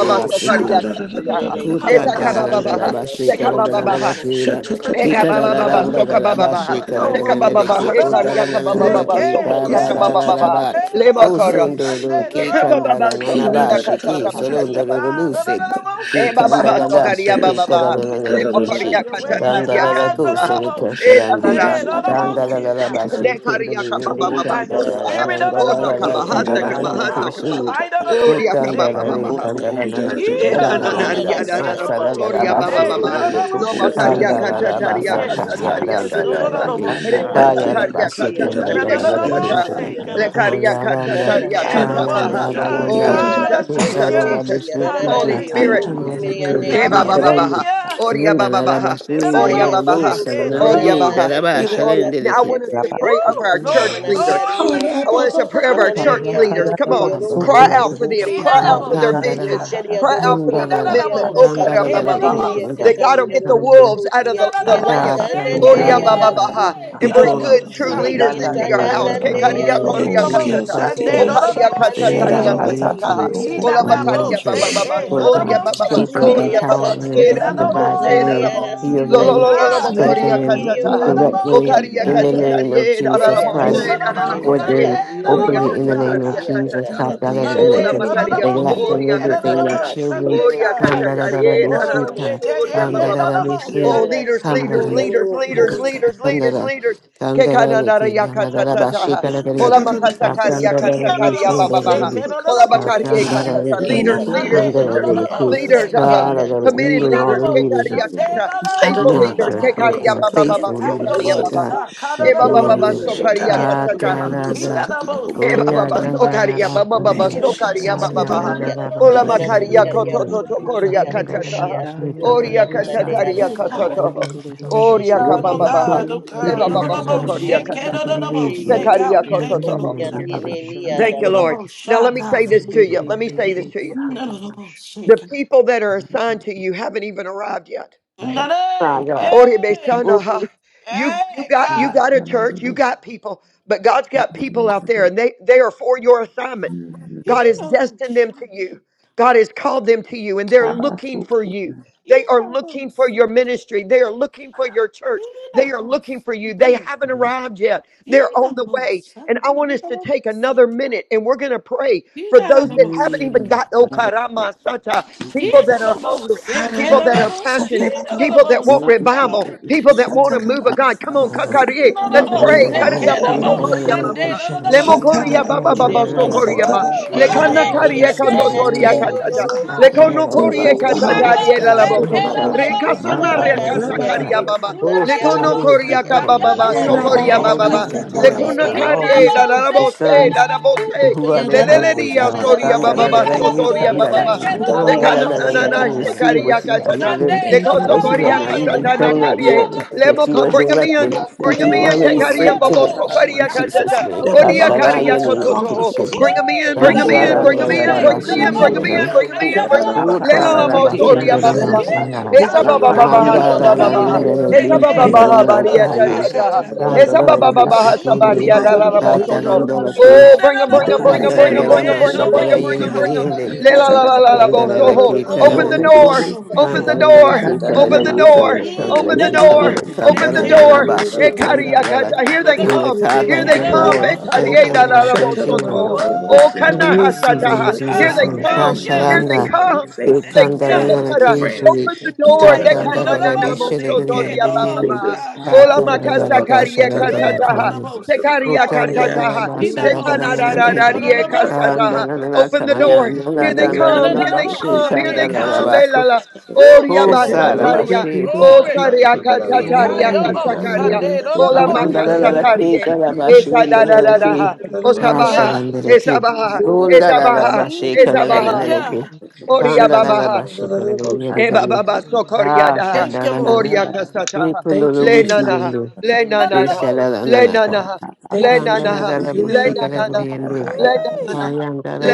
Speaker 1: Oh God.
Speaker 8: Merere Yera
Speaker 1: Cover God,
Speaker 8: Kokoshia,
Speaker 3: Esakabababaha,
Speaker 8: Narasiri,
Speaker 1: shield God,
Speaker 3: sekabababaha,
Speaker 8: Urukoshia,
Speaker 6: Kutandarandarabashikaradararakira.
Speaker 1: protect him,
Speaker 3: ekababababa,
Speaker 8: Nananangere,
Speaker 1: God.
Speaker 3: sokabababaha,
Speaker 1: Watch
Speaker 5: Darian,
Speaker 1: over him,
Speaker 8: Keshia,
Speaker 5: Caitlin,
Speaker 3: sekabababaha,
Speaker 1: God.
Speaker 8: Kasa,
Speaker 5: Christopher,
Speaker 1: Adabo, sick,
Speaker 5: Devontae,
Speaker 3: ekariakabababaha,
Speaker 1: yeah,
Speaker 5: I
Speaker 8: Keshia,
Speaker 5: like
Speaker 3: sokariakabababaha.
Speaker 8: Yahushia,
Speaker 6: Ikarararandarabarashikaradararakikundararananakitararararaba.
Speaker 1: yeah.
Speaker 8: Narasiri,
Speaker 1: Adabo,
Speaker 3: Lebokoro.
Speaker 5: the blood, the
Speaker 1: Sunday,
Speaker 8: Urusiki,
Speaker 5: blood,
Speaker 1: adabo,
Speaker 3: Bababa,
Speaker 5: the
Speaker 1: see,
Speaker 8: Keshia,
Speaker 9: Hina
Speaker 5: blood,
Speaker 9: da
Speaker 1: God.
Speaker 5: the
Speaker 9: da da
Speaker 6: Kusundurukikandaranarabashiki.
Speaker 9: da
Speaker 5: blood, the
Speaker 9: da da
Speaker 8: Rorosata,
Speaker 9: da
Speaker 5: blood,
Speaker 9: da
Speaker 1: Touch their
Speaker 8: Kia.
Speaker 9: da da
Speaker 3: sokariakatatamakasababa.
Speaker 1: mind.
Speaker 6: Surundururubusi.
Speaker 9: da
Speaker 1: Adabo, see,
Speaker 5: the blood,
Speaker 3: Ebababa,
Speaker 9: Sanctify,
Speaker 1: Kayobo, sick,
Speaker 9: purify,
Speaker 3: sokariabababaha.
Speaker 1: God.
Speaker 5: the blood
Speaker 9: da da
Speaker 5: over
Speaker 9: da da
Speaker 5: her.
Speaker 9: da
Speaker 6: Ikandararashikitaranaranakishi.
Speaker 1: Have
Speaker 9: da da
Speaker 1: your
Speaker 5: There
Speaker 1: way in
Speaker 5: it is.
Speaker 1: their
Speaker 3: Lebokoriakatataria
Speaker 9: da
Speaker 5: I
Speaker 1: lives.
Speaker 5: speak blood
Speaker 9: da.
Speaker 1: Adabo,
Speaker 5: over them.
Speaker 1: shake,
Speaker 6: Dandararakusirikasharandi.
Speaker 9: He da
Speaker 3: katataha.
Speaker 1: yeah.
Speaker 9: da da
Speaker 5: Hakanda
Speaker 9: da
Speaker 5: da
Speaker 9: da
Speaker 5: da.
Speaker 1: Adabo,
Speaker 9: da
Speaker 1: see,
Speaker 9: da
Speaker 1: God.
Speaker 6: Kandarararabashi.
Speaker 9: da
Speaker 3: Dekariyaka
Speaker 9: da
Speaker 6: Kinduruindi.
Speaker 3: baba
Speaker 1: Move
Speaker 3: baba
Speaker 1: by your
Speaker 5: Rokotobo
Speaker 3: sota.
Speaker 9: Covenant
Speaker 1: spirit,
Speaker 5: fiki.
Speaker 3: Osa
Speaker 9: transform,
Speaker 1: adabo,
Speaker 9: God.
Speaker 5: Hero.
Speaker 9: He
Speaker 3: sakabaha,
Speaker 9: da
Speaker 1: shake,
Speaker 9: da
Speaker 1: by
Speaker 9: da
Speaker 1: your
Speaker 9: da da
Speaker 3: sekabaha
Speaker 5: Akanda
Speaker 9: da
Speaker 5: da
Speaker 1: power, your
Speaker 9: da
Speaker 6: Kandarararandararakandararananakishi.
Speaker 3: sekabaha.
Speaker 9: da.
Speaker 1: might, adabo,
Speaker 3: Oriya
Speaker 9: Deliver,
Speaker 5: da.
Speaker 1: sick,
Speaker 3: kababa
Speaker 6: Utandarare,
Speaker 1: God.
Speaker 3: babaha.
Speaker 9: market, God.
Speaker 5: Rokotobo
Speaker 9: He da da da
Speaker 5: fiki.
Speaker 6: Kandaranaki,
Speaker 9: da
Speaker 1: Yes,
Speaker 3: Eka
Speaker 9: da da
Speaker 3: na na
Speaker 9: make
Speaker 5: Yananana
Speaker 9: it.
Speaker 6: Kadananda,
Speaker 3: riya
Speaker 9: He da
Speaker 3: na
Speaker 5: basa.
Speaker 9: da
Speaker 3: na na
Speaker 9: da da.
Speaker 3: mosoriya
Speaker 9: da.
Speaker 3: baba
Speaker 5: Arabas.
Speaker 6: Masaradarabashiki,
Speaker 3: baba.
Speaker 6: Yindi,
Speaker 3: Loma
Speaker 5: Rokotobo
Speaker 9: Help
Speaker 5: sanda.
Speaker 3: kariya
Speaker 5: da.
Speaker 3: kata tariya kata
Speaker 6: Kandarabasaka,
Speaker 5: Rakata
Speaker 1: God.
Speaker 3: tariya
Speaker 1: Yes, no,
Speaker 3: kata
Speaker 1: no,
Speaker 5: basiki.
Speaker 1: no,
Speaker 3: ta.
Speaker 6: Yandandara,
Speaker 1: no,
Speaker 6: Yin,
Speaker 1: no,
Speaker 5: Ikanda da
Speaker 3: Reka
Speaker 1: sha.
Speaker 5: da da.
Speaker 9: Brianna,
Speaker 3: sakariya
Speaker 9: God.
Speaker 3: kata
Speaker 1: no,
Speaker 6: Tayarabasika,
Speaker 1: no,
Speaker 3: tariya
Speaker 1: no, no,
Speaker 3: kata
Speaker 1: no,
Speaker 5: Ila
Speaker 3: ta.
Speaker 5: na
Speaker 6: Vandanavalakishimi,
Speaker 1: say,
Speaker 5: na na
Speaker 1: God.
Speaker 3: Lekariya
Speaker 5: robosi,
Speaker 3: kata
Speaker 4: Mm,
Speaker 6: Tayaranda,
Speaker 1: Say,
Speaker 4: we
Speaker 3: tariya
Speaker 4: do
Speaker 1: God, no,
Speaker 5: ikaya
Speaker 3: kata
Speaker 4: do
Speaker 9: Strengthen
Speaker 5: ta
Speaker 4: do
Speaker 1: no,
Speaker 4: do
Speaker 3: baha.
Speaker 5: na
Speaker 4: do
Speaker 9: Jonathan,
Speaker 4: do
Speaker 1: sha.
Speaker 9: Lord.
Speaker 5: robosi,
Speaker 3: Oh
Speaker 4: eh,
Speaker 6: Tayandaranda,
Speaker 4: eh.
Speaker 1: God, I
Speaker 3: Jesus,
Speaker 1: thank
Speaker 3: Jesus,
Speaker 1: you.
Speaker 3: Jesus.
Speaker 1: God, I
Speaker 3: Holy
Speaker 6: Utandarabishiki,
Speaker 1: thank
Speaker 5: ata
Speaker 1: you,
Speaker 5: ta
Speaker 3: Spirit.
Speaker 9: Build
Speaker 5: na
Speaker 9: him
Speaker 1: Lord.
Speaker 9: up,
Speaker 4: Mm.
Speaker 5: basuku
Speaker 9: encourage
Speaker 5: na
Speaker 3: Eh
Speaker 1: God,
Speaker 5: na
Speaker 1: I
Speaker 5: na
Speaker 3: baba
Speaker 9: him.
Speaker 5: na na
Speaker 1: thank
Speaker 6: Kandarabishikarandu,
Speaker 1: you.
Speaker 3: baha. Oria
Speaker 8: Bararasa
Speaker 3: baba
Speaker 1: God, I thank you. No,
Speaker 6: Kandarabashiki,
Speaker 1: no,
Speaker 8: Ya
Speaker 3: Oria
Speaker 8: ya
Speaker 1: no,
Speaker 3: baba
Speaker 6: Donorabu,
Speaker 8: koko
Speaker 1: say,
Speaker 5: basuku
Speaker 1: God, no,
Speaker 5: na
Speaker 8: kore
Speaker 5: na na
Speaker 1: no,
Speaker 8: na
Speaker 3: Oria
Speaker 8: na
Speaker 1: no,
Speaker 6: Savanagi,
Speaker 8: na
Speaker 1: no,
Speaker 8: na
Speaker 3: baha.
Speaker 1: see,
Speaker 8: ta ta
Speaker 1: God.
Speaker 3: Oria.
Speaker 8: ta te
Speaker 3: Now I
Speaker 6: Darabashalendeliki.
Speaker 3: want us
Speaker 5: na
Speaker 3: to
Speaker 8: eberi o
Speaker 3: pray over
Speaker 1: Woo,
Speaker 8: koko
Speaker 3: our
Speaker 5: basuku
Speaker 8: ya
Speaker 5: na
Speaker 3: church
Speaker 8: na
Speaker 1: glory,
Speaker 5: na
Speaker 8: na
Speaker 1: glory,
Speaker 5: na
Speaker 8: ni
Speaker 3: leaders.
Speaker 8: ari
Speaker 1: no,
Speaker 5: basa,
Speaker 8: o
Speaker 3: I
Speaker 1: no,
Speaker 8: to
Speaker 3: want us to
Speaker 1: no,
Speaker 3: pray
Speaker 1: sha,
Speaker 3: over our
Speaker 8: mana na
Speaker 1: day,
Speaker 4: ah,
Speaker 3: church
Speaker 8: ni
Speaker 5: kaya
Speaker 4: ba
Speaker 5: ta
Speaker 8: ari
Speaker 1: God.
Speaker 4: ba
Speaker 3: leaders.
Speaker 8: o
Speaker 5: na
Speaker 4: ba
Speaker 3: Come
Speaker 8: to
Speaker 5: na
Speaker 3: on.
Speaker 4: ba
Speaker 8: yoro
Speaker 4: ba ba
Speaker 3: Cry
Speaker 5: basuku
Speaker 8: ko
Speaker 6: Kandarandara,
Speaker 3: out for
Speaker 4: ba
Speaker 3: them.
Speaker 8: shiri
Speaker 5: robosi
Speaker 4: ba
Speaker 3: Cry
Speaker 8: ata
Speaker 5: ki
Speaker 6: kan-
Speaker 3: out for their
Speaker 4: ba.
Speaker 5: ikaya
Speaker 1: Inadabose,
Speaker 5: na
Speaker 3: vision.
Speaker 5: na
Speaker 6: kandara-
Speaker 8: shiri
Speaker 5: na
Speaker 1: God.
Speaker 5: na
Speaker 3: Cry
Speaker 8: ato ro
Speaker 4: Yes, Lord, as
Speaker 3: out for
Speaker 5: basa,
Speaker 4: we
Speaker 3: their
Speaker 8: koko
Speaker 6: kandarara,
Speaker 4: touch
Speaker 8: ni
Speaker 4: the
Speaker 3: commitment.
Speaker 8: ara na
Speaker 5: ata
Speaker 3: Oh,
Speaker 8: sa
Speaker 4: leaders
Speaker 1: Inadabose,
Speaker 4: of
Speaker 3: kada
Speaker 5: na
Speaker 8: ti
Speaker 4: our
Speaker 5: na na
Speaker 8: ara
Speaker 6: kandararara,
Speaker 3: baba
Speaker 5: na
Speaker 8: re
Speaker 6: ki-
Speaker 8: ki e
Speaker 4: ministry,
Speaker 8: ka
Speaker 5: robosi,
Speaker 1: kedadabose,
Speaker 3: That
Speaker 8: ka
Speaker 3: God will
Speaker 8: ni
Speaker 4: even
Speaker 1: God.
Speaker 3: get
Speaker 4: now
Speaker 8: ara
Speaker 3: the
Speaker 8: ro
Speaker 4: in the name
Speaker 6: kanda-
Speaker 8: koko
Speaker 4: of
Speaker 3: wolves out
Speaker 8: ti
Speaker 3: of the,
Speaker 8: ati
Speaker 4: Jesus.
Speaker 3: the
Speaker 8: ara
Speaker 5: ata
Speaker 3: land.
Speaker 6: God,
Speaker 8: ka
Speaker 1: Nadadabose,
Speaker 8: ne
Speaker 6: coming
Speaker 4: Eh,
Speaker 8: ne
Speaker 4: be,
Speaker 3: Oria
Speaker 6: daughter,
Speaker 4: be,
Speaker 5: basuku na
Speaker 8: ya
Speaker 3: baba
Speaker 4: be,
Speaker 5: na na
Speaker 4: be,
Speaker 5: na
Speaker 3: baha,
Speaker 4: go,
Speaker 5: basa,
Speaker 4: bo,
Speaker 3: and bring
Speaker 4: ro,
Speaker 3: good,
Speaker 4: shanda,
Speaker 1: kedadabose,
Speaker 4: ya,
Speaker 3: true
Speaker 4: ya, ya,
Speaker 6: we
Speaker 1: God.
Speaker 4: ya,
Speaker 3: leaders
Speaker 6: do
Speaker 4: ya,
Speaker 5: randa
Speaker 8: Mekishka
Speaker 3: into
Speaker 5: ta
Speaker 4: ya,
Speaker 3: your
Speaker 4: ba,
Speaker 5: ta
Speaker 6: you,
Speaker 5: ta
Speaker 4: ba,
Speaker 5: na
Speaker 3: house.
Speaker 6: Lord
Speaker 4: ba,
Speaker 6: God,
Speaker 8: nanane
Speaker 4: ba,
Speaker 6: in
Speaker 4: ba,
Speaker 3: Kekaria
Speaker 6: the
Speaker 4: ba,
Speaker 6: name of
Speaker 9: Take
Speaker 4: be,
Speaker 1: Ooh,
Speaker 9: the
Speaker 3: koria
Speaker 5: robosuku na
Speaker 8: yarasi.
Speaker 4: be,
Speaker 5: na,
Speaker 6: Jesus
Speaker 4: he.
Speaker 9: scales
Speaker 3: katata,
Speaker 1: dadabose,
Speaker 9: of
Speaker 6: Christ, I
Speaker 9: the
Speaker 6: pray for
Speaker 9: earth,
Speaker 8: Sororosi
Speaker 4: Ki,
Speaker 9: Father.
Speaker 3: okaria
Speaker 4: go, bo,
Speaker 6: Pastor
Speaker 8: anane
Speaker 1: dadadabose,
Speaker 4: ro,
Speaker 6: Nate
Speaker 3: katataria
Speaker 6: and
Speaker 5: randa
Speaker 1: God.
Speaker 4: shanda,
Speaker 5: ta
Speaker 8: yarasi.
Speaker 6: Lady
Speaker 9: Shadalababa,
Speaker 6: T
Speaker 3: katataha,
Speaker 4: ho, da,
Speaker 5: basuku
Speaker 4: da, da,
Speaker 8: Seriyosi
Speaker 4: da,
Speaker 3: ola
Speaker 6: of
Speaker 4: ya, ba,
Speaker 6: Mall
Speaker 5: robosi
Speaker 9: Kusatadabahaya.
Speaker 3: makaria
Speaker 4: ba,
Speaker 8: kishki
Speaker 5: ki
Speaker 6: Church.
Speaker 4: ba,
Speaker 3: baba
Speaker 1: Inadabose,
Speaker 4: ba, ba,
Speaker 3: baba,
Speaker 5: ikaya
Speaker 4: ba,
Speaker 5: na
Speaker 6: Lord
Speaker 4: be, be,
Speaker 3: soria
Speaker 5: na
Speaker 8: yatatasi.
Speaker 6: God,
Speaker 5: na,
Speaker 3: baba
Speaker 1: kedadabose,
Speaker 3: baba,
Speaker 4: he.
Speaker 9: He
Speaker 8: Ibe
Speaker 6: strengthen,
Speaker 1: God.
Speaker 3: soria
Speaker 9: caught
Speaker 6: empower
Speaker 3: baba,
Speaker 8: yasati
Speaker 6: them,
Speaker 4: Mm,
Speaker 3: seda
Speaker 8: yororo
Speaker 5: randa
Speaker 4: yeah,
Speaker 3: labo,
Speaker 5: ta
Speaker 1: Inadabo,
Speaker 6: provide
Speaker 4: yeah, yeah,
Speaker 6: for
Speaker 5: ta
Speaker 8: kongangi
Speaker 3: seda
Speaker 4: yeah,
Speaker 6: them,
Speaker 4: yeah,
Speaker 3: labo,
Speaker 4: yeah, yeah, yeah,
Speaker 8: yarasi.
Speaker 6: heal
Speaker 4: yeah,
Speaker 3: lo
Speaker 4: be,
Speaker 3: lo
Speaker 5: ta.
Speaker 8: Tati
Speaker 6: them,
Speaker 3: lo
Speaker 4: be, be,
Speaker 3: lo
Speaker 4: be,
Speaker 3: lo
Speaker 1: God.
Speaker 9: Ora
Speaker 8: yarasi.
Speaker 4: be,
Speaker 6: strengthen
Speaker 3: koria
Speaker 4: be,
Speaker 6: them,
Speaker 8: Tikiri
Speaker 4: be, eh,
Speaker 1: eh,
Speaker 3: katataha,
Speaker 8: yororo
Speaker 6: direct
Speaker 8: kumri
Speaker 6: them
Speaker 1: dadabose,
Speaker 3: okaria
Speaker 6: in the
Speaker 1: God.
Speaker 8: yasatata.
Speaker 6: name of
Speaker 3: katataria
Speaker 8: Hey
Speaker 6: Jesus
Speaker 4: La
Speaker 3: labo,
Speaker 4: la
Speaker 1: Yee,
Speaker 4: la
Speaker 6: Christ.
Speaker 8: yarasi
Speaker 4: la
Speaker 3: seda
Speaker 8: tete
Speaker 4: la
Speaker 1: Honorable
Speaker 3: labo,
Speaker 4: ya
Speaker 6: Reward
Speaker 4: ya
Speaker 3: seda,
Speaker 4: ya
Speaker 6: them
Speaker 1: Sunday,
Speaker 8: yarakandi.
Speaker 4: ya ya
Speaker 8: Yororo
Speaker 3: oria
Speaker 4: ya
Speaker 6: openly
Speaker 1: Honorable
Speaker 6: in
Speaker 4: ba
Speaker 6: the name
Speaker 4: ba
Speaker 6: of
Speaker 4: ba
Speaker 8: kokokosi
Speaker 3: katataria
Speaker 4: ba
Speaker 1: Sakada.
Speaker 4: ba
Speaker 6: Jesus.
Speaker 8: yatada.
Speaker 4: ba
Speaker 6: Stop
Speaker 4: ba
Speaker 3: katataha,
Speaker 4: ba
Speaker 6: that
Speaker 8: Sati
Speaker 6: at
Speaker 3: ola
Speaker 1: Sunday,
Speaker 6: anything.
Speaker 8: yararakire
Speaker 6: If
Speaker 3: makaria
Speaker 6: they
Speaker 1: Honorable
Speaker 6: lack
Speaker 8: yarakanda.
Speaker 6: for
Speaker 3: boboria
Speaker 1: Sunday,
Speaker 6: everything, their
Speaker 1: Honorable
Speaker 8: Marara
Speaker 3: katataha.
Speaker 8: siri
Speaker 6: children,
Speaker 1: Sunday,
Speaker 8: yororo
Speaker 3: Oria
Speaker 6: um,
Speaker 1: God.
Speaker 6: da da da
Speaker 8: kokosi
Speaker 6: da,
Speaker 3: katatari,
Speaker 6: they
Speaker 3: da, da,
Speaker 6: should
Speaker 1: Oh,
Speaker 3: da, mo,
Speaker 1: yeah,
Speaker 6: have.
Speaker 8: yararasana.
Speaker 1: yeah, yeah,
Speaker 3: soria,
Speaker 6: Um,
Speaker 3: ba,
Speaker 6: da
Speaker 1: yeah,
Speaker 3: ba,
Speaker 6: da da,
Speaker 3: ba.
Speaker 6: they
Speaker 8: Iyakiti
Speaker 1: Honorable
Speaker 6: should.
Speaker 3: Oh,
Speaker 1: Sunday,
Speaker 3: leaders,
Speaker 8: yararasiti
Speaker 3: leaders,
Speaker 1: God.
Speaker 6: Kandara,
Speaker 3: leaders,
Speaker 8: yororo
Speaker 3: leaders,
Speaker 8: koi.
Speaker 3: leaders, leaders,
Speaker 6: Kandara,
Speaker 3: leaders.
Speaker 6: Kandara,
Speaker 1: Mm,
Speaker 3: Kekananara
Speaker 6: Liki, Yanadara
Speaker 1: mm,
Speaker 6: Bashi,
Speaker 3: yakatatata.
Speaker 8: Thank
Speaker 6: Kaladari,
Speaker 3: Ola
Speaker 1: mm.
Speaker 3: makasakari
Speaker 6: Katandara,
Speaker 3: yakasakari ya, ba,
Speaker 1: Honorable
Speaker 3: ba, ba.
Speaker 1: Shake,
Speaker 6: Lishundari,
Speaker 3: Ola
Speaker 1: Honorable
Speaker 3: bakari
Speaker 1: See,
Speaker 6: Katandara,
Speaker 1: God.
Speaker 3: ekatata. Leaders, leaders,
Speaker 1: Sunday,
Speaker 6: Kandara,
Speaker 3: leaders,
Speaker 1: Honorable
Speaker 6: Liki,
Speaker 3: leaders, uh,
Speaker 1: Shake.
Speaker 6: Kaladari,
Speaker 3: committed
Speaker 6: even all
Speaker 3: leaders.
Speaker 6: the
Speaker 1: Inanabo,
Speaker 6: leaders
Speaker 3: Kekari
Speaker 6: of
Speaker 1: Sunday,
Speaker 3: yakata.
Speaker 1: Honorable
Speaker 3: Faithful
Speaker 1: See,
Speaker 3: leaders.
Speaker 6: Natcher, Lord
Speaker 3: Kekari ya,
Speaker 6: God,
Speaker 3: ba, ba, ba, ba,
Speaker 6: faithful leaders,
Speaker 3: sokari ya,
Speaker 6: Lord
Speaker 3: ba, ba,
Speaker 6: God,
Speaker 3: ba.
Speaker 8: you.
Speaker 1: Ikayobosa,
Speaker 3: E,
Speaker 6: keep
Speaker 3: ba,
Speaker 6: you
Speaker 3: ba, ba,
Speaker 6: in
Speaker 3: ba,
Speaker 8: Guru
Speaker 6: the
Speaker 9: basha
Speaker 1: kadadadabose,
Speaker 3: sokari
Speaker 8: Gosia,
Speaker 9: tata la
Speaker 1: God.
Speaker 8: Tia,
Speaker 9: papa
Speaker 3: yakatata.
Speaker 9: paka
Speaker 8: Kirio,
Speaker 6: Katara,
Speaker 9: sata la paka
Speaker 8: Kupoya,
Speaker 3: Eba
Speaker 1: Kidadabose,
Speaker 6: Goya,
Speaker 3: baba
Speaker 8: Nanania,
Speaker 9: sata.
Speaker 6: Dara,
Speaker 3: sokaria
Speaker 1: kadadadabose,
Speaker 3: baba baba
Speaker 9: Thank
Speaker 6: Bashi,
Speaker 8: Yasokosia,
Speaker 9: you,
Speaker 3: sokaria
Speaker 8: Nanania,
Speaker 9: Jesus.
Speaker 3: baba
Speaker 6: Kaya,
Speaker 3: baba.
Speaker 8: Kia,
Speaker 6: Dara,
Speaker 3: Ola
Speaker 6: Bashi,
Speaker 9: Yidadababahaya.
Speaker 1: kidadadabose,
Speaker 3: makaria
Speaker 8: Manania,
Speaker 3: koto
Speaker 6: Kaladari,
Speaker 3: to to
Speaker 4: Baby,
Speaker 1: kadadadabose.
Speaker 3: koria
Speaker 8: Yasokosia,
Speaker 6: Katandara,
Speaker 8: Tania,
Speaker 3: katata.
Speaker 4: kotoroshanda
Speaker 6: Bashi,
Speaker 4: ya ya ya
Speaker 8: Sokonia,
Speaker 3: Oria
Speaker 6: Katandara,
Speaker 4: ya ba
Speaker 8: Nanea,
Speaker 4: ba
Speaker 6: Bashi,
Speaker 4: ba
Speaker 3: katataria
Speaker 4: ba
Speaker 5: Thank
Speaker 4: ba
Speaker 5: you.
Speaker 4: ba
Speaker 8: Roma,
Speaker 1: God,
Speaker 6: Oh,
Speaker 4: baby
Speaker 3: katata.
Speaker 6: so
Speaker 4: kotoroshanda
Speaker 3: Oria
Speaker 8: Kirio,
Speaker 5: Randa
Speaker 1: oh
Speaker 3: kababa
Speaker 8: Kosia,
Speaker 3: baha.
Speaker 1: God, oh
Speaker 4: ye
Speaker 1: God,
Speaker 3: Eba
Speaker 4: ye
Speaker 8: Nanakeria,
Speaker 3: baba
Speaker 4: ye da ya
Speaker 3: sokaria
Speaker 1: dadadabose,
Speaker 8: Nasiki,
Speaker 4: ye
Speaker 3: kata.
Speaker 4: kotoroshanda
Speaker 1: kadadadabose.
Speaker 8: Teo,
Speaker 1: God,
Speaker 3: Sekaria
Speaker 1: we
Speaker 4: baby
Speaker 3: koto
Speaker 1: thank you,
Speaker 4: baby
Speaker 3: to.
Speaker 4: baby
Speaker 1: Lord.
Speaker 8: Komunia,
Speaker 4: kotoroshanda
Speaker 3: Thank
Speaker 4: ho
Speaker 3: you,
Speaker 8: Nene,
Speaker 3: Lord.
Speaker 1: Dadadabose,
Speaker 3: Now let me
Speaker 1: God,
Speaker 3: say
Speaker 1: for
Speaker 3: this to
Speaker 4: baby
Speaker 3: you.
Speaker 1: you.
Speaker 3: Let me
Speaker 4: baby
Speaker 3: say this to
Speaker 4: baby
Speaker 3: you.
Speaker 4: kotorosh
Speaker 1: Dadadabose,
Speaker 3: The
Speaker 1: God.
Speaker 3: people that are assigned to you haven't even arrived yet.
Speaker 1: Dadada, Hey,
Speaker 3: Orebesana, huh? You you
Speaker 1: hey,
Speaker 3: got you
Speaker 1: God.
Speaker 3: got a church, you got people, but God's got people out there and they they are for your assignment.
Speaker 1: He
Speaker 3: God has
Speaker 1: knows
Speaker 3: destined them to you.
Speaker 1: something.
Speaker 3: God has called them to you and they're looking for you. They
Speaker 1: He
Speaker 3: are
Speaker 1: no, no,
Speaker 3: looking for
Speaker 1: shit.
Speaker 3: your ministry. They are looking for your
Speaker 1: he
Speaker 3: church. They are looking
Speaker 1: knows
Speaker 3: for you. They
Speaker 1: something.
Speaker 3: haven't arrived yet.
Speaker 1: He
Speaker 3: They're on the way. And I want us to take another minute and we're going to pray for those that haven't
Speaker 1: Shake,
Speaker 3: even got Okarama Sata, people that are hungry people that are passionate, people that want
Speaker 9: Hadadabakasatadababa-
Speaker 3: revival, people that want to move of God. Come on, kakariye. let's pray.
Speaker 9: Shatadababakasatadababahaya.
Speaker 3: Kariyamo sokoriya
Speaker 9: Dadabahaya.
Speaker 3: baba.
Speaker 4: Nikodoroshin
Speaker 3: Lemokoriya baba
Speaker 8: Vaya
Speaker 3: baba sokoriya ba.
Speaker 9: Shatadababakasatadabahaya.
Speaker 3: Lekana kariye
Speaker 9: Send forth the
Speaker 3: katotoriya
Speaker 9: laborers,
Speaker 3: katata.
Speaker 9: God.
Speaker 3: Lekono
Speaker 9: Send
Speaker 3: koriye
Speaker 9: forth the harvest,
Speaker 3: katatariye
Speaker 9: God.
Speaker 3: lalaboko.
Speaker 9: Adadadabashata.
Speaker 3: Rekasana
Speaker 5: da da da
Speaker 3: rekasa
Speaker 5: ba,
Speaker 3: kariya baba.
Speaker 9: Rabababakasata.
Speaker 3: Lekono koriya kababa baba
Speaker 5: Na na
Speaker 3: sokoriya
Speaker 5: so
Speaker 6: All
Speaker 3: baba
Speaker 5: cool. Me
Speaker 6: these
Speaker 3: ba.
Speaker 6: are daughters,
Speaker 3: Lekona
Speaker 6: God. All
Speaker 3: kariye
Speaker 6: these
Speaker 9: Karabababakasatadababakasata.
Speaker 3: lalabose
Speaker 6: concerns.
Speaker 3: lalabose.
Speaker 6: who are
Speaker 9: hira
Speaker 6: their
Speaker 9: ra ba
Speaker 6: husbands
Speaker 9: sha
Speaker 3: Leleleliya
Speaker 6: God.
Speaker 9: ta ra
Speaker 3: soriya
Speaker 9: ra ba
Speaker 1: God,
Speaker 3: baba
Speaker 9: ba
Speaker 3: ba
Speaker 9: ba
Speaker 6: Gandadadada, yea,
Speaker 3: sotoriya baba
Speaker 6: kandada.
Speaker 5: and
Speaker 3: ba.
Speaker 5: Baba.
Speaker 3: Lekana na na
Speaker 6: Gandadadadada, Can
Speaker 3: na
Speaker 6: receive
Speaker 3: shekaria
Speaker 6: what you have
Speaker 5: You
Speaker 6: for
Speaker 3: katata.
Speaker 5: cool
Speaker 6: them.
Speaker 9: Thank
Speaker 5: to
Speaker 9: you for
Speaker 5: do.
Speaker 9: our
Speaker 3: Lekoso
Speaker 6: Those
Speaker 9: new
Speaker 6: who have
Speaker 3: koria
Speaker 4: Igadora,
Speaker 6: not
Speaker 9: leadership,
Speaker 6: even
Speaker 3: katata
Speaker 4: thank
Speaker 9: God.
Speaker 4: you,
Speaker 3: na
Speaker 9: ra
Speaker 6: shown up
Speaker 9: bu
Speaker 4: Lord.
Speaker 9: sha
Speaker 3: karie.
Speaker 6: yet,
Speaker 4: Ah,
Speaker 9: ta
Speaker 6: that you
Speaker 3: Lemoka,
Speaker 6: are
Speaker 3: bring them
Speaker 6: directing,
Speaker 3: in,
Speaker 5: Baba so
Speaker 3: bring
Speaker 6: which you
Speaker 5: cool
Speaker 3: them
Speaker 6: have
Speaker 5: so
Speaker 3: in.
Speaker 9: those,
Speaker 6: already
Speaker 9: Father,
Speaker 4: ba,
Speaker 9: that
Speaker 3: Kekaria
Speaker 6: sent
Speaker 4: ba,
Speaker 9: are
Speaker 6: to
Speaker 4: ba,
Speaker 3: bobo
Speaker 4: ba,
Speaker 6: them.
Speaker 4: ba,
Speaker 9: attached to
Speaker 4: ba,
Speaker 8: la
Speaker 6: In
Speaker 3: sokaria
Speaker 9: us,
Speaker 4: ba, ba, ba, ba, ba, ba,
Speaker 9: God,
Speaker 4: ba,
Speaker 6: Jesus'
Speaker 3: katata.
Speaker 6: name.
Speaker 9: that
Speaker 4: ba,
Speaker 3: Odia
Speaker 9: belongs to
Speaker 3: karia
Speaker 6: Kasharaya
Speaker 9: us, we
Speaker 4: ba.
Speaker 9: call them
Speaker 3: kototo.
Speaker 9: forth
Speaker 6: dedication.
Speaker 4: Big,
Speaker 9: now.
Speaker 3: Bring
Speaker 4: big,
Speaker 3: them
Speaker 4: big,
Speaker 3: in,
Speaker 4: big,
Speaker 3: bring them
Speaker 9: Ida da
Speaker 3: in,
Speaker 9: da
Speaker 4: big.
Speaker 3: bring
Speaker 4: Kotoro
Speaker 9: bo
Speaker 4: shanda,
Speaker 3: them in,
Speaker 5: cool
Speaker 6: Kasharandadada,
Speaker 9: shata,
Speaker 5: so
Speaker 3: bring
Speaker 4: yeah,
Speaker 3: them
Speaker 9: bring
Speaker 4: yeah,
Speaker 9: them
Speaker 4: yeah,
Speaker 3: in,
Speaker 4: yeah,
Speaker 3: bring
Speaker 9: in,
Speaker 3: them
Speaker 4: yeah,
Speaker 9: Lord.
Speaker 4: yeah,
Speaker 3: in,
Speaker 6: bashikandadada.
Speaker 3: bring
Speaker 4: yeah, yeah,
Speaker 3: them
Speaker 5: you
Speaker 4: yeah,
Speaker 3: in,
Speaker 4: yeah.
Speaker 9: Shada
Speaker 3: bring.
Speaker 9: da ba
Speaker 3: Lela la
Speaker 4: Ke
Speaker 6: Utadada,
Speaker 9: kasata,
Speaker 4: kotoro
Speaker 9: quickly,
Speaker 3: mosoria
Speaker 5: do
Speaker 4: shanda,
Speaker 6: bashindadada,
Speaker 4: ro,
Speaker 9: suddenly.
Speaker 3: baba.
Speaker 4: ro, ro, ro,
Speaker 6: sandada.
Speaker 4: ro,
Speaker 9: Ida
Speaker 3: Esa
Speaker 4: ba,
Speaker 9: da
Speaker 1: we
Speaker 4: ba,
Speaker 9: da
Speaker 3: baba
Speaker 4: ba,
Speaker 9: da
Speaker 4: ba,
Speaker 9: ba
Speaker 1: thank
Speaker 3: baba
Speaker 1: you,
Speaker 4: ba,
Speaker 5: Rakatobo
Speaker 3: ha
Speaker 4: ba,
Speaker 1: Lord.
Speaker 9: haya,
Speaker 4: bi,
Speaker 1: Da,
Speaker 3: saba
Speaker 4: bi,
Speaker 1: da,
Speaker 9: in
Speaker 6: Andadada,
Speaker 4: bi,
Speaker 9: a
Speaker 1: da,
Speaker 3: baba
Speaker 4: bi,
Speaker 3: ha.
Speaker 4: bi,
Speaker 1: bo,
Speaker 9: hurry,
Speaker 4: bi,
Speaker 1: se,
Speaker 6: dindada,
Speaker 9: Lord.
Speaker 4: bi,
Speaker 3: Esa
Speaker 4: bi,
Speaker 3: baba
Speaker 4: eh.
Speaker 1: ke,
Speaker 9: Ida
Speaker 1: do,
Speaker 3: baba ha
Speaker 9: da
Speaker 1: da, da,
Speaker 9: ba
Speaker 6: bikandadada,
Speaker 9: ba
Speaker 1: bo,
Speaker 3: baria
Speaker 9: ba
Speaker 3: cha
Speaker 4: A
Speaker 9: bo
Speaker 1: sha,
Speaker 3: cha
Speaker 6: nakaye.
Speaker 3: cha
Speaker 9: sata
Speaker 3: ha.
Speaker 1: God.
Speaker 9: da
Speaker 4: totoro
Speaker 9: da da bo
Speaker 4: shanda,
Speaker 3: Esa
Speaker 4: yeah,
Speaker 6: Gandadadada,
Speaker 3: baba
Speaker 4: yeah,
Speaker 9: haya.
Speaker 4: yeah,
Speaker 3: baba
Speaker 4: he
Speaker 3: ha
Speaker 9: Move
Speaker 4: kotoro,
Speaker 6: bishikindi.
Speaker 3: sabaria
Speaker 4: ba,
Speaker 3: la
Speaker 1: Mm,
Speaker 4: ba,
Speaker 9: mighty,
Speaker 3: la la
Speaker 5: soko
Speaker 4: ba,
Speaker 9: Lord.
Speaker 4: ba,
Speaker 9: Ida da
Speaker 4: ba.
Speaker 3: bosoto
Speaker 9: da bo
Speaker 1: mm,
Speaker 6: Katarandadaki.
Speaker 9: shata.
Speaker 3: oh
Speaker 1: mm, da,
Speaker 3: bring
Speaker 1: da, da,
Speaker 4: E
Speaker 3: bring bo
Speaker 9: Stir up
Speaker 1: bo,
Speaker 5: Nakanda
Speaker 3: bring
Speaker 9: their
Speaker 3: Oh, bring bring 'em,
Speaker 4: kotoro,
Speaker 5: Na
Speaker 4: ba,
Speaker 3: bring
Speaker 5: na
Speaker 1: se,
Speaker 5: na
Speaker 9: spirits,
Speaker 6: Katarandara
Speaker 3: bring 'em,
Speaker 4: ba,
Speaker 3: bring
Speaker 9: God.
Speaker 5: roko
Speaker 1: ke,
Speaker 4: ba,
Speaker 3: them,
Speaker 1: do,
Speaker 9: Stir
Speaker 4: ba,
Speaker 9: up
Speaker 3: bring
Speaker 6: maşadara
Speaker 3: 'em,
Speaker 1: bo,
Speaker 9: their
Speaker 4: bi,
Speaker 3: bring
Speaker 5: sokoti
Speaker 3: them,
Speaker 4: bi,
Speaker 6: yeridir
Speaker 1: sha,
Speaker 9: minds,
Speaker 4: bi,
Speaker 3: bring 'em, bring
Speaker 9: God.
Speaker 4: bi,
Speaker 6: yendir.
Speaker 4: bi,
Speaker 1: God.
Speaker 3: Le
Speaker 5: ikanda
Speaker 3: la
Speaker 5: da
Speaker 3: la
Speaker 5: da
Speaker 3: la
Speaker 9: Shata
Speaker 4: kotoro
Speaker 3: la
Speaker 9: da
Speaker 3: la
Speaker 9: da da
Speaker 3: bo
Speaker 5: da
Speaker 4: shanda,
Speaker 9: da
Speaker 5: da.
Speaker 4: yeah,
Speaker 6: Kandara
Speaker 9: da
Speaker 4: yeah,
Speaker 3: soho.
Speaker 9: da
Speaker 4: yeah,
Speaker 6: ki
Speaker 9: da
Speaker 4: yeah,
Speaker 9: ba
Speaker 4: yeah,
Speaker 3: Open the
Speaker 1: Oh,
Speaker 5: Roko
Speaker 4: yeah,
Speaker 6: karanana
Speaker 9: haya
Speaker 6: ki.
Speaker 4: yeah,
Speaker 1: oh,
Speaker 5: tobo
Speaker 4: yeah,
Speaker 3: door.
Speaker 4: pa
Speaker 1: glory
Speaker 4: pa pa yeah, ba, ba,
Speaker 5: siki
Speaker 3: Open the
Speaker 1: God.
Speaker 4: ba.
Speaker 6: Kandarandara
Speaker 3: door.
Speaker 5: ikanda
Speaker 9: da
Speaker 6: ki
Speaker 5: na
Speaker 9: da
Speaker 4: E
Speaker 9: da da
Speaker 5: na
Speaker 6: kadara
Speaker 5: na
Speaker 3: Open the
Speaker 9: da
Speaker 6: ye
Speaker 9: da
Speaker 5: basa.
Speaker 4: kotoro
Speaker 3: door.
Speaker 6: kadara
Speaker 9: da da
Speaker 4: shanda,
Speaker 6: kandara
Speaker 1: Mm,
Speaker 3: Open
Speaker 4: yeah,
Speaker 3: the
Speaker 1: da,
Speaker 6: ki
Speaker 5: Roko
Speaker 1: da,
Speaker 4: yeah,
Speaker 9: da
Speaker 1: da,
Speaker 4: yeah,
Speaker 3: door.
Speaker 5: tobo
Speaker 1: bo,
Speaker 4: yeah,
Speaker 6: kadara
Speaker 4: yeah, yeah,
Speaker 3: Open
Speaker 5: siki
Speaker 4: yeah,
Speaker 3: the
Speaker 1: shake
Speaker 6: kandara
Speaker 5: ya
Speaker 4: yeah.
Speaker 5: na
Speaker 1: it.
Speaker 5: na
Speaker 6: nana
Speaker 3: door.
Speaker 5: na na
Speaker 6: başı
Speaker 5: na
Speaker 4: Ke,
Speaker 9: da.
Speaker 5: basa.
Speaker 3: Ekaria
Speaker 5: Kata
Speaker 6: kandara.
Speaker 4: ke,
Speaker 3: kacha.
Speaker 5: da
Speaker 1: Mm,
Speaker 5: da
Speaker 4: ke,
Speaker 1: da,
Speaker 3: Here
Speaker 1: da,
Speaker 3: they
Speaker 5: robo
Speaker 1: da,
Speaker 9: We
Speaker 1: bo,
Speaker 9: open
Speaker 3: come.
Speaker 5: siki.
Speaker 9: the
Speaker 6: Kandara
Speaker 9: door
Speaker 1: shake
Speaker 9: to
Speaker 3: Here
Speaker 6: thank
Speaker 3: they
Speaker 1: it,
Speaker 9: let
Speaker 6: you
Speaker 4: We
Speaker 1: da,
Speaker 9: him
Speaker 5: Aranda
Speaker 1: da, da,
Speaker 3: come.
Speaker 5: da
Speaker 9: in,
Speaker 6: Lord.
Speaker 5: da
Speaker 1: bo,
Speaker 5: da
Speaker 9: Father.
Speaker 5: da
Speaker 1: shock,
Speaker 6: Thank
Speaker 3: Ekaria
Speaker 5: robo
Speaker 6: you
Speaker 3: da la
Speaker 1: God.
Speaker 6: Lord.
Speaker 3: la
Speaker 5: saka.
Speaker 6: Thank you
Speaker 3: bosoto
Speaker 5: Raka
Speaker 6: Lord.
Speaker 5: da da da
Speaker 3: Oh,
Speaker 5: da da
Speaker 6: For the
Speaker 9: Shatadadadadabokosata.
Speaker 3: kana
Speaker 5: da
Speaker 3: ha
Speaker 6: new
Speaker 5: robo
Speaker 3: sa
Speaker 9: A
Speaker 3: cha
Speaker 6: season
Speaker 5: siki.
Speaker 1: Woo!
Speaker 6: in
Speaker 3: ha.
Speaker 9: floodgate,
Speaker 3: Here
Speaker 6: Jesus
Speaker 1: God,
Speaker 5: Anda
Speaker 3: they
Speaker 5: da
Speaker 6: name.
Speaker 9: Father.
Speaker 5: da da
Speaker 1: thank
Speaker 5: da
Speaker 3: come.
Speaker 5: da
Speaker 1: you.
Speaker 9: People,
Speaker 3: Here
Speaker 9: new
Speaker 3: they
Speaker 6: Taşaranda.
Speaker 5: basa.
Speaker 9: people, new
Speaker 3: come. Here
Speaker 5: Raka
Speaker 9: faces,
Speaker 5: da
Speaker 3: they
Speaker 9: new
Speaker 1: Thank
Speaker 5: da
Speaker 3: come.
Speaker 1: you.
Speaker 3: They
Speaker 5: da da
Speaker 9: families,
Speaker 6: Ekandalana
Speaker 9: new
Speaker 3: gotta
Speaker 5: robo
Speaker 9: friends.
Speaker 6: kishuri,
Speaker 3: open the
Speaker 5: siki.
Speaker 9: da
Speaker 3: door.
Speaker 9: da
Speaker 3: They
Speaker 1: Thank
Speaker 5: Inda
Speaker 1: you,
Speaker 5: na
Speaker 3: gotta
Speaker 1: Lord. Da,
Speaker 5: na
Speaker 3: na
Speaker 5: na
Speaker 1: da,
Speaker 3: na
Speaker 6: katandalala
Speaker 5: na
Speaker 3: na
Speaker 1: bo,
Speaker 3: mo
Speaker 5: robo
Speaker 9: Idadadababakasata.
Speaker 3: so
Speaker 9: New
Speaker 1: shake
Speaker 5: soko.
Speaker 6: bishadadariyan
Speaker 1: it,
Speaker 3: toria
Speaker 9: members,
Speaker 1: da,
Speaker 3: ba
Speaker 9: new
Speaker 3: ba
Speaker 1: bo,
Speaker 4: Receive
Speaker 6: biriyandi,
Speaker 3: ba.
Speaker 4: your
Speaker 9: leaders.
Speaker 1: shake
Speaker 5: Raka
Speaker 3: Ola
Speaker 4: people,
Speaker 9: da da
Speaker 1: it,
Speaker 5: da da
Speaker 9: da
Speaker 4: Lord.
Speaker 5: da
Speaker 9: da da
Speaker 3: makasa
Speaker 6: katandalala
Speaker 9: da
Speaker 5: basa. Da
Speaker 3: karia
Speaker 5: da
Speaker 1: Yeah,
Speaker 5: da
Speaker 9: da
Speaker 5: da
Speaker 6: kasharandala
Speaker 5: robo
Speaker 1: da, da,
Speaker 3: katataha.
Speaker 1: da,
Speaker 6: kayu,
Speaker 1: bo,
Speaker 5: soko.
Speaker 1: see,
Speaker 3: Sekaria
Speaker 1: God.
Speaker 5: Roko
Speaker 9: Idadadabakasatadadadabokosatadadadabahaya.
Speaker 6: kutandalala
Speaker 3: katataha.
Speaker 5: tobo
Speaker 1: Yeah,
Speaker 9: New
Speaker 1: da, bo,
Speaker 5: siki
Speaker 3: Sekana da
Speaker 9: intercessors,
Speaker 6: basaradalanana
Speaker 5: inda
Speaker 1: shake
Speaker 3: da
Speaker 9: God.
Speaker 5: na
Speaker 1: it,
Speaker 3: da
Speaker 5: na
Speaker 1: da,
Speaker 6: kita,
Speaker 5: na
Speaker 1: da,
Speaker 5: na roko
Speaker 3: rie
Speaker 1: da,
Speaker 5: roko roko roko
Speaker 1: bo,
Speaker 5: na
Speaker 1: see, God.
Speaker 3: kasataha.
Speaker 6: kandalala
Speaker 3: Open the
Speaker 9: Roboshatadadadabakasata.
Speaker 4: Ah,
Speaker 6: kaya,
Speaker 3: door.
Speaker 5: Ramba
Speaker 3: Here
Speaker 5: Soko
Speaker 3: they
Speaker 4: here
Speaker 1: Da,
Speaker 4: they
Speaker 1: da,
Speaker 3: come.
Speaker 1: da,
Speaker 6: nandalalana
Speaker 5: Tabo
Speaker 3: Here
Speaker 1: da,
Speaker 4: come,
Speaker 3: they
Speaker 1: bo,
Speaker 4: here
Speaker 6: bashi,
Speaker 5: Seki
Speaker 4: they
Speaker 3: come. Here
Speaker 4: come,
Speaker 3: they
Speaker 1: shande,
Speaker 9: Idadadababakasata. New
Speaker 4: here
Speaker 6: kandalala
Speaker 4: they
Speaker 3: come.
Speaker 1: God.
Speaker 9: chain
Speaker 5: Ramba
Speaker 6: basu,
Speaker 4: come,
Speaker 3: Belala.
Speaker 4: eh,
Speaker 9: breakers,
Speaker 4: la,
Speaker 9: God.
Speaker 4: la.
Speaker 5: Soko
Speaker 1: Woo,
Speaker 3: Oria
Speaker 4: Eh,
Speaker 9: Thank
Speaker 4: ya,
Speaker 1: glory,
Speaker 4: ba, ta,
Speaker 6: kusara
Speaker 9: you,
Speaker 5: Roko
Speaker 4: ta,
Speaker 3: basataria.
Speaker 1: glory,
Speaker 6: bashi,
Speaker 4: ya.
Speaker 5: Tobo
Speaker 9: Jesus.
Speaker 3: O
Speaker 5: Si
Speaker 1: glory.
Speaker 6: sandalala
Speaker 4: Oh,
Speaker 3: saria
Speaker 4: ta,
Speaker 6: kita,
Speaker 4: ya, ta,
Speaker 1: He
Speaker 4: ta,
Speaker 6: lelele
Speaker 3: katataria
Speaker 4: ta,
Speaker 5: Hala
Speaker 4: ya,
Speaker 1: yobo
Speaker 6: kita,
Speaker 4: ta, ta,
Speaker 6: lala,
Speaker 3: kasakaria.
Speaker 5: Sayoro
Speaker 1: Sunday.
Speaker 4: ta, ya.
Speaker 1: No, no,
Speaker 4: Oh,
Speaker 1: no,
Speaker 3: Ola
Speaker 5: Soko
Speaker 4: la,
Speaker 1: bo,
Speaker 4: ba, ta, ta,
Speaker 1: say,
Speaker 3: makasa
Speaker 6: kandalala
Speaker 5: Torobo
Speaker 4: ta,
Speaker 1: God.
Speaker 5: Si
Speaker 6: kita,
Speaker 4: ya.
Speaker 3: karie.
Speaker 4: Ta, ta, ya, la,
Speaker 6: la
Speaker 4: la,
Speaker 6: bashi,
Speaker 3: Esa
Speaker 5: Ikanda
Speaker 3: da da
Speaker 5: Tata
Speaker 6: indalala
Speaker 3: da da
Speaker 6: kita,
Speaker 4: la,
Speaker 3: ha.
Speaker 1: Mm,
Speaker 4: ha. Oh, la,
Speaker 1: Thank
Speaker 4: ba, ha. Oh, la, ba, ha. Eh,
Speaker 1: you.
Speaker 3: Oskabaha.
Speaker 6: kasharandala
Speaker 3: Esa
Speaker 6: kita,
Speaker 3: baha.
Speaker 4: ba,
Speaker 5: Anda
Speaker 3: Esa
Speaker 5: Tata
Speaker 6: kundalala
Speaker 3: baha.
Speaker 6: bashi,
Speaker 1: Mm,
Speaker 3: Esa
Speaker 1: Thank
Speaker 3: baha.
Speaker 5: Ikanda
Speaker 1: you.
Speaker 6: Kalala
Speaker 5: Tata
Speaker 4: ba, ba,
Speaker 3: Oria
Speaker 4: so, ko,
Speaker 6: Kandarara
Speaker 3: babaha.
Speaker 4: ya, da. Oh, la, ba,
Speaker 6: başlıkları
Speaker 5: Anda
Speaker 3: Eba
Speaker 6: yerleri.
Speaker 3: baba
Speaker 6: Ha
Speaker 3: sokoriada
Speaker 1: Thank you,
Speaker 6: şandarara.
Speaker 1: Lord.
Speaker 3: oria
Speaker 5: Ikanda
Speaker 4: ba,
Speaker 5: Tata
Speaker 3: kasata
Speaker 4: ba,
Speaker 9: Thank you,
Speaker 6: Nikundoru
Speaker 4: ba,
Speaker 3: lena
Speaker 4: eh,
Speaker 3: na
Speaker 5: Anda
Speaker 9: Jesus.
Speaker 6: busilundu.
Speaker 3: lena
Speaker 5: Soko
Speaker 1: No, no,
Speaker 3: na
Speaker 1: no,
Speaker 3: na
Speaker 1: bo, say,
Speaker 3: lena
Speaker 1: God.
Speaker 6: Eşararanaka.
Speaker 3: na
Speaker 5: Tabo
Speaker 9: Thank you,
Speaker 3: lena
Speaker 9: Jesus.
Speaker 3: na
Speaker 6: Kandarara
Speaker 9: Thank
Speaker 5: Si
Speaker 3: lena na
Speaker 6: başlıkları
Speaker 3: na
Speaker 6: yerleri.
Speaker 5: Ikanda Tata
Speaker 3: lena na na
Speaker 1: Eee,